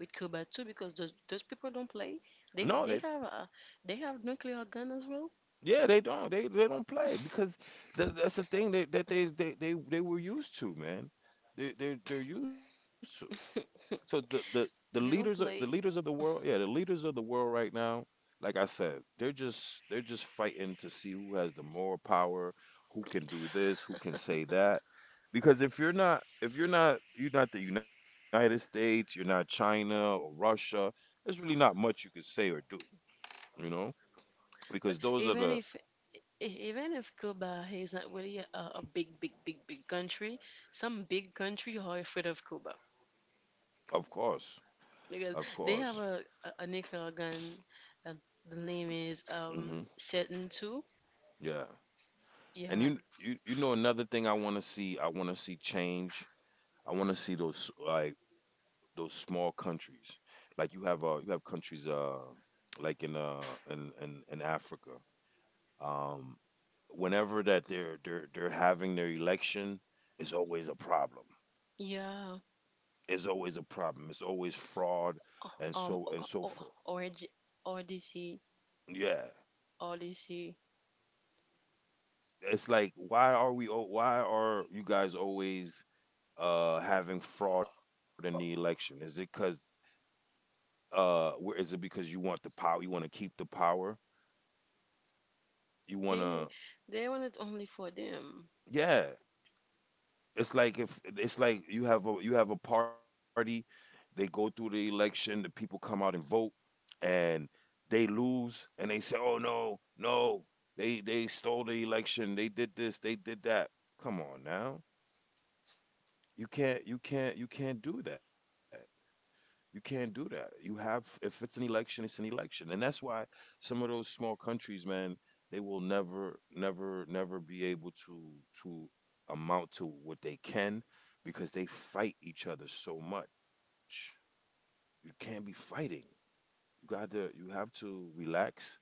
Speaker 1: with Cuba too because those those people don't play. They
Speaker 2: No, they.
Speaker 1: they have a they have nuclear gun as well.
Speaker 2: Yeah, they don't. They they don't play because
Speaker 1: *laughs*
Speaker 2: th- that's the thing that, that they, they they they were used to, man. They they they're used to. So the the the leaders of
Speaker 1: They
Speaker 2: the
Speaker 1: don't
Speaker 2: leaders
Speaker 1: play.
Speaker 2: of the world, yeah, the leaders of the world right now, like I said, they're just they're just fighting to see who has the more power, who can do this, who can say that. Because if you're not if you're not you're not the United States, you're not China or Russia, there's really not much you can say or do, you know?
Speaker 1: But
Speaker 2: Because those are
Speaker 1: even
Speaker 2: the.
Speaker 1: if e- even if Cuba is not really a, a big, big, big, big country, some big country are afraid of Cuba.
Speaker 2: of course Of
Speaker 1: Because
Speaker 2: course.
Speaker 1: they have a, a, a nickel gun, uh, the name is
Speaker 2: hmm
Speaker 1: um Seton two.
Speaker 2: Yeah. And
Speaker 1: Yeah,
Speaker 2: you, you, you know, another thing I want to see, I want to see change. I want to see those like those small countries, like you have, uh, you have countries, uh, like in, uh, in, in, in Africa. Um, Whenever that they're they're they're having their election, it's always a problem.
Speaker 1: yeah.
Speaker 2: It's always a problem. It's always fraud, and
Speaker 1: Uh,
Speaker 2: so and
Speaker 1: um,
Speaker 2: so forth.
Speaker 1: or Odyssey, Odyssey.
Speaker 2: Yeah,
Speaker 1: Odyssey.
Speaker 2: it's like why are we? al- Why are you guys always uh, having fraud in the election? Is it because uh, where is it because you want the power? You want to keep the power? You want
Speaker 1: They
Speaker 2: to?
Speaker 1: they want it only for them
Speaker 2: Yeah, it's like if it's like you have a you have a party, they go through the election, the people come out and vote, and they lose, and they say, "Oh no, no, they they stole the election, they did this, they did that." Come on now, you can't you can't you can't do that. You can't do that. You have, if it's an election, it's an election. And that's why some of those small countries, man, they will never, never, never be able to, to amount to what they can, because they fight each other so much. You can't be fighting. You got to, you have to relax,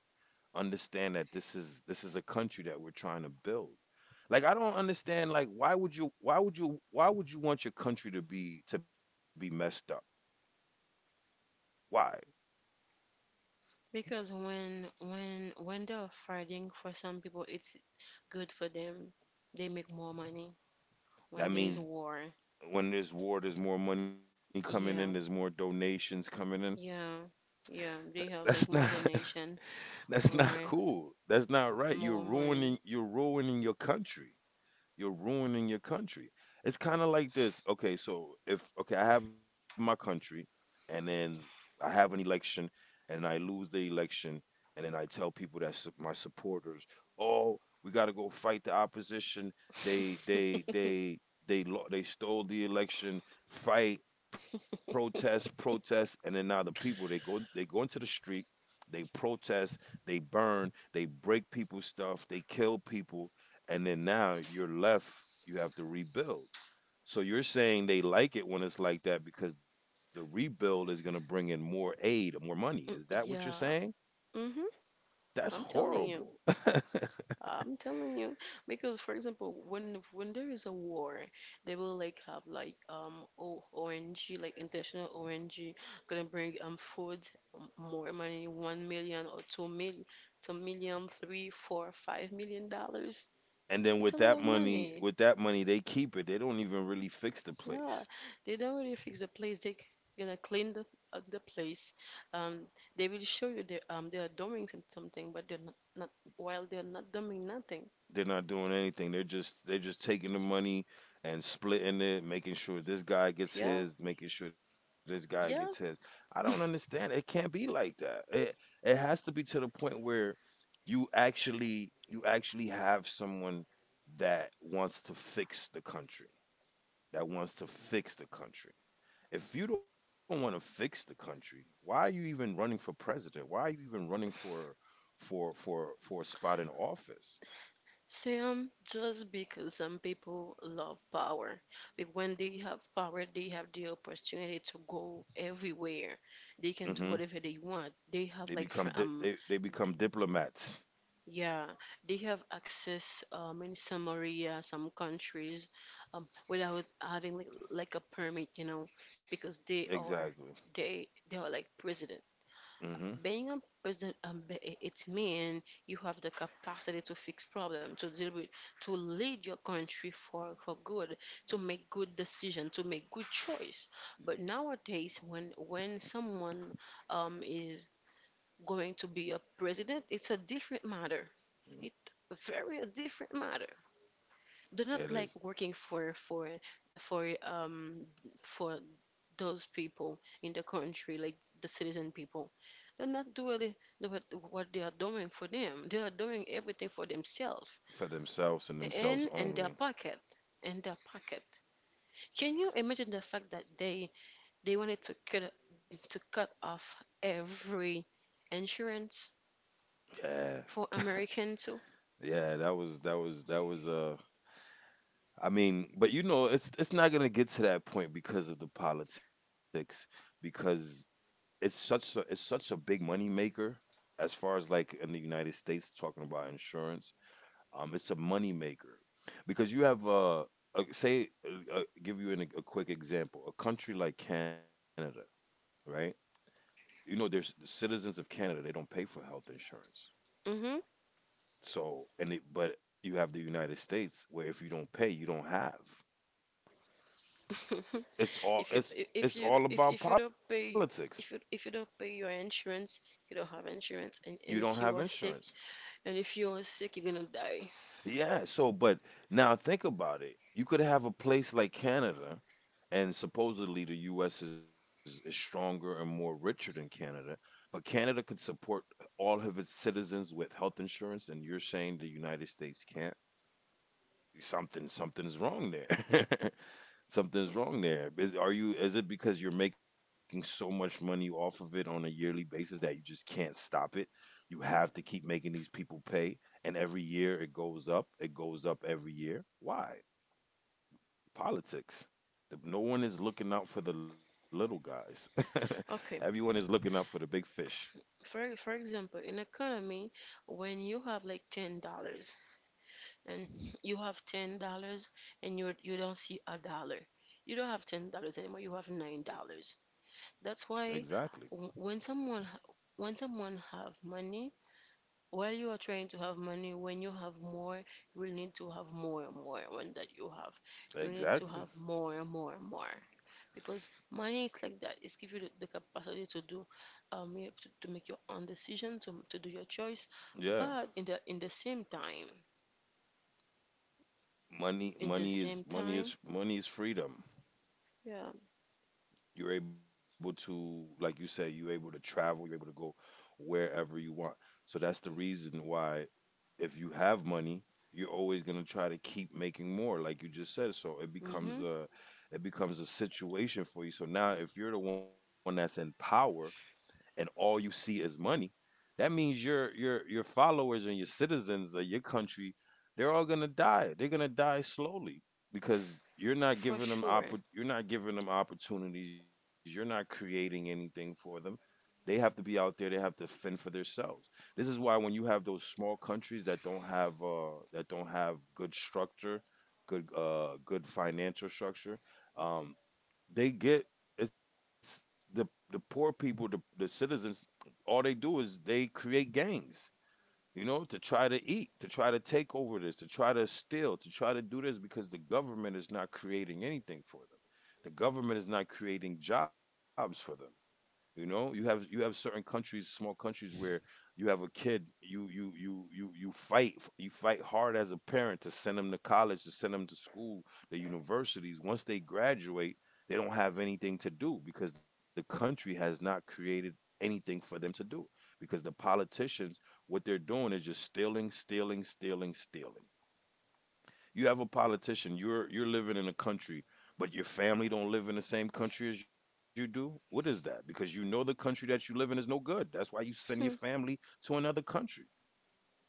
Speaker 2: understand that this is, this is a country that we're trying to build. Like I don't understand. Like why would you? Why would you? Why would you want your country to be to be messed up? Why?
Speaker 1: because when when when they're fighting for some people, it's good for them. They make more money when
Speaker 2: That
Speaker 1: there is
Speaker 2: means
Speaker 1: war.
Speaker 2: when there's war, there's more money coming in, there's more
Speaker 1: Yeah,
Speaker 2: donations coming in.
Speaker 1: yeah, yeah.
Speaker 2: That,
Speaker 1: They have
Speaker 2: that's
Speaker 1: like
Speaker 2: not
Speaker 1: more donation,
Speaker 2: *laughs* that's not
Speaker 1: more
Speaker 2: cool. That's not right. You're
Speaker 1: more money.
Speaker 2: ruining you're ruining your country. You're ruining your country. It's kind of like this. Okay, so if okay, I have my country, and then I have an election, and I lose the election, and then I tell people that su- my supporters, oh, we got to go fight the opposition. They they
Speaker 1: *laughs*
Speaker 2: they they lo- they stole the election. Fight, protest, protest, and then
Speaker 1: *laughs*
Speaker 2: now the people they go they go into the street, they protest, they burn, they break people's stuff, they kill people, and then now you're left, you have to rebuild. So you're saying they like it when it's like that because the rebuild is going to bring in more aid, more money, is that what you're
Speaker 1: Yeah.
Speaker 2: saying?
Speaker 1: Mm-hmm.
Speaker 2: That's
Speaker 1: I'm telling you.
Speaker 2: horrible. *laughs*
Speaker 1: I'm telling you. Because for example, when when there is a war, they will like have like um o ONG, like international O N G gonna bring um food, um, more money, one million or two mil two million, three, four, five million dollars.
Speaker 2: And then
Speaker 1: It's
Speaker 2: with
Speaker 1: a lot
Speaker 2: that
Speaker 1: of
Speaker 2: money,
Speaker 1: money.
Speaker 2: with that money they keep it, they don't even really fix the
Speaker 1: Yeah,
Speaker 2: place.
Speaker 1: they don't really fix the place. They gonna clean the uh, the place. Um, they will show you they um they are doing some- something, but they're not, not while they're not doing nothing.
Speaker 2: They're not doing anything. They're just they're just taking the money and splitting it, making sure this guy gets
Speaker 1: Yeah,
Speaker 2: his, making sure this guy gets his.
Speaker 1: yeah.
Speaker 2: I don't understand.
Speaker 1: *laughs*
Speaker 2: It can't be like that. It it has to be to the point where you actually you actually have someone that wants to fix the country. That wants to fix the country. If you don't want to fix the country, why are you even running for president? Why are you even running for for for for a spot in office?
Speaker 1: Sam, just because some people love power, but when they have power, they have the opportunity to go everywhere. They
Speaker 2: hmm
Speaker 1: can do whatever they want. They
Speaker 2: They
Speaker 1: have like
Speaker 2: become
Speaker 1: fr-
Speaker 2: di-
Speaker 1: um.
Speaker 2: they they become diplomats.
Speaker 1: Yeah, they have access, um, in some area, some countries, um, without having like, like a permit, you know, because they
Speaker 2: Exactly.
Speaker 1: are they they are like president.
Speaker 2: Mm-hmm.
Speaker 1: Being a president, um, be- it it mean you have the capacity to fix problem, to deal with, to lead your country for for good, to make good decision, to make good choice. But nowadays, when when someone um is going to be a president, it's a different matter, it very a different matter. Do not
Speaker 2: And it,
Speaker 1: like working for for for um for those people in the country, like the citizen people. They're not doing the- what what they are doing for them. They are doing everything for themselves
Speaker 2: for themselves and themselves
Speaker 1: and and their
Speaker 2: only.
Speaker 1: pocket. And their pocket. Can you imagine the fact that they they wanted to cut to cut off every insurance
Speaker 2: Yeah.
Speaker 1: for American too?
Speaker 2: Yeah. That was that was that was uh. I mean, but you know, it's it's not gonna get to that point because of the politics, because it's such a it's such a big money maker as far as like in the United States talking about insurance. Um, it's a money maker because you have uh, a, say uh, uh, give you an, a quick example, a country like Canada, right? You know, there's the citizens of Canada, they don't pay for health insurance.
Speaker 1: Mm-hmm.
Speaker 2: So, and it, but you have the United States where if you don't pay, you don't have.
Speaker 1: *laughs*
Speaker 2: It's all
Speaker 1: If you
Speaker 2: it's
Speaker 1: if
Speaker 2: it's
Speaker 1: you
Speaker 2: all
Speaker 1: if,
Speaker 2: about
Speaker 1: if you don't
Speaker 2: politics.
Speaker 1: pay if you if you don't pay your insurance, you don't have insurance, and,
Speaker 2: You
Speaker 1: and
Speaker 2: don't
Speaker 1: if
Speaker 2: have
Speaker 1: you are sick,
Speaker 2: insurance.
Speaker 1: and if you are sick, you're gonna die.
Speaker 2: Yeah, so but now think about it. You could have a place like Canada, and supposedly the U S is, is stronger and more richer than Canada, but Canada could support all of its citizens with health insurance and you're saying the United States can't? Something, something's wrong there. *laughs* Something's
Speaker 1: Hmm.
Speaker 2: wrong there. Is are you is it because you're making so much money off of it on a yearly basis that you just can't stop it? You have to keep making these people pay, and every year it goes up. It goes up every year. Why? Politics. The- No one is looking out for the little guys. *laughs* Everyone is
Speaker 1: Okay,
Speaker 2: looking out for the big fish.
Speaker 1: for for example, in economy, when you have like ten dollars and you have ten dollars and you you don't see a dollar, you don't have ten dollars anymore. You have nine dollars. That's
Speaker 2: Exactly.
Speaker 1: why w- when someone ha- when someone have money, while you are trying to have money when you have more you will need to have more and more when that you have you need to
Speaker 2: Exactly.
Speaker 1: have more and more and more because money is like that, it's give you the, the capacity to do um you have to, to make your own decision to, to do your choice
Speaker 2: Yeah.
Speaker 1: but in the in the same time
Speaker 2: Money
Speaker 1: in the
Speaker 2: money is
Speaker 1: same
Speaker 2: money
Speaker 1: time
Speaker 2: is money is freedom.
Speaker 1: yeah.
Speaker 2: You're able to, like you said, you're able to travel, you're able to go wherever you want. So that's the reason why, if you have money, you're always going to try to keep making more, like you just said. So it becomes
Speaker 1: Mm-hmm,
Speaker 2: a, it becomes a situation for you. So now, if you're the one that's in power, and all you see is money, that means your your your followers and your citizens of your country, they're all gonna die. They're gonna die slowly because you're not
Speaker 1: for
Speaker 2: giving them
Speaker 1: sure.
Speaker 2: oppor- you're not giving them opportunities. You're not creating anything for them. They have to be out there. They have to fend for themselves. This is why when you have those small countries that don't have uh, that don't have good structure, good uh, good financial structure, um, they get, it's the the poor people, the the citizens. All they do is they create gangs, you know, to try to eat, to try to take over this, to try to steal, to try to do this, because the government is not creating anything for them. The government is not creating jobs for them. You know, you have you have certain countries, small countries where you have a kid, you you you you you fight, you fight hard as a parent to send them to college, to send them to school, the universities. Once they graduate, they don't have anything to do because the country has not created anything for them to do. Because the politicians, what they're doing is just stealing, stealing, stealing, stealing. You have a politician. You're you're living in a country, but your family don't live in the same country as you do. What is that? Because you know the country that you live in is no good. That's why you send your
Speaker 1: Hmm,
Speaker 2: family to another country.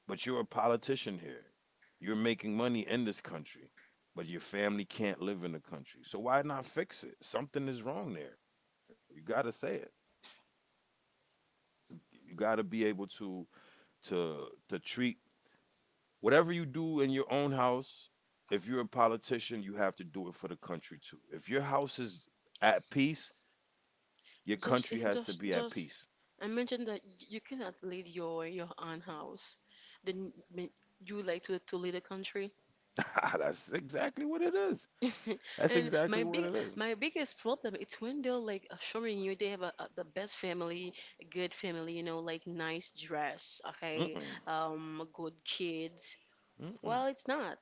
Speaker 2: But you're a politician here. You're making money in this country, but your family can't live in the country. So why not fix it? Something is wrong there. You got to say it. You got to be able to to to treat whatever you do in your own house, if you're a politician, you have to do it for the country too. If your house is at peace, your country has to be
Speaker 1: just
Speaker 2: at
Speaker 1: *laughs*
Speaker 2: peace.
Speaker 1: just just I mentioned that y- you cannot lead your your own house then may- you would like to to lead a country.
Speaker 2: *laughs* That's exactly what it is.
Speaker 1: *laughs*
Speaker 2: That's
Speaker 1: And
Speaker 2: exactly
Speaker 1: my
Speaker 2: what
Speaker 1: big
Speaker 2: it is.
Speaker 1: my biggest problem it's when they're like uh, showing you they have a, a, the best family, a good family, you know, like nice dress, okay,
Speaker 2: Mm-mm.
Speaker 1: um, good kids.
Speaker 2: Mm-mm.
Speaker 1: Well, it's not.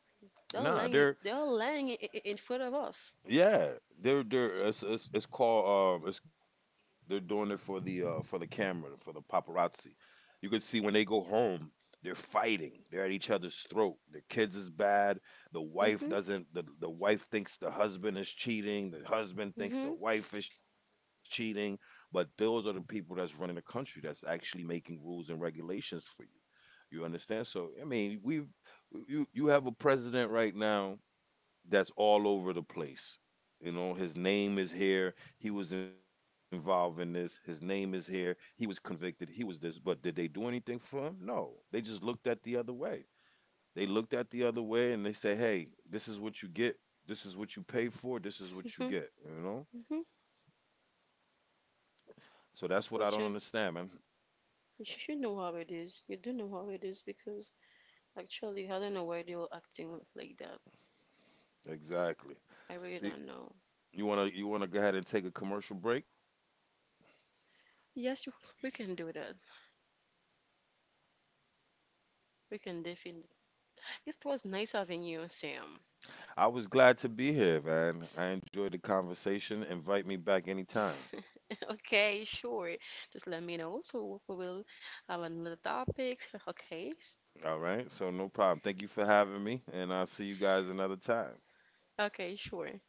Speaker 1: They're
Speaker 2: Nah,
Speaker 1: lying.
Speaker 2: they're.
Speaker 1: They're lying in, in front of us.
Speaker 2: Yeah, they're they're it's it's, it's called um it's, they're doing it for the uh for the camera, for the paparazzi. You could see when they go home, they're fighting. They're at each other's throat. Their kids is bad. The wife
Speaker 1: Mhm.
Speaker 2: doesn't. The the wife thinks the husband is cheating. The husband thinks the
Speaker 1: Mhm.
Speaker 2: wife is cheating. But those are the people that's running the country. That's actually making rules and regulations for you. You understand? So I mean, we've, you you have a president right now that's all over the place. You know, his name is here. He was involved in this. His name is here. He was convicted. He was this. But did they do anything for him? No. They just looked at the other way. They looked at the other way and they say, hey, this is what you get. This is what you pay for. This is what you
Speaker 1: Mhm.
Speaker 2: get. You know?
Speaker 1: Mhm.
Speaker 2: So that's what I don't understand,
Speaker 1: But
Speaker 2: man.
Speaker 1: you you should know how it is. You do know how it is because actually I don't know why they were acting like that.
Speaker 2: Exactly.
Speaker 1: I really
Speaker 2: See,
Speaker 1: don't know.
Speaker 2: you wanna you wanna go ahead and take a commercial break?
Speaker 1: Yes, you- we can do that. We can definitely. It was nice having you, Sam.
Speaker 2: I was glad to be here, man. I enjoyed the conversation. Invite me back anytime.
Speaker 1: *laughs* Okay, sure. Just let me know so we will have another topics. *laughs* Okay. s-
Speaker 2: All right. So no problem. Thank you for having me, and I'll see you guys another time.
Speaker 1: Okay, sure.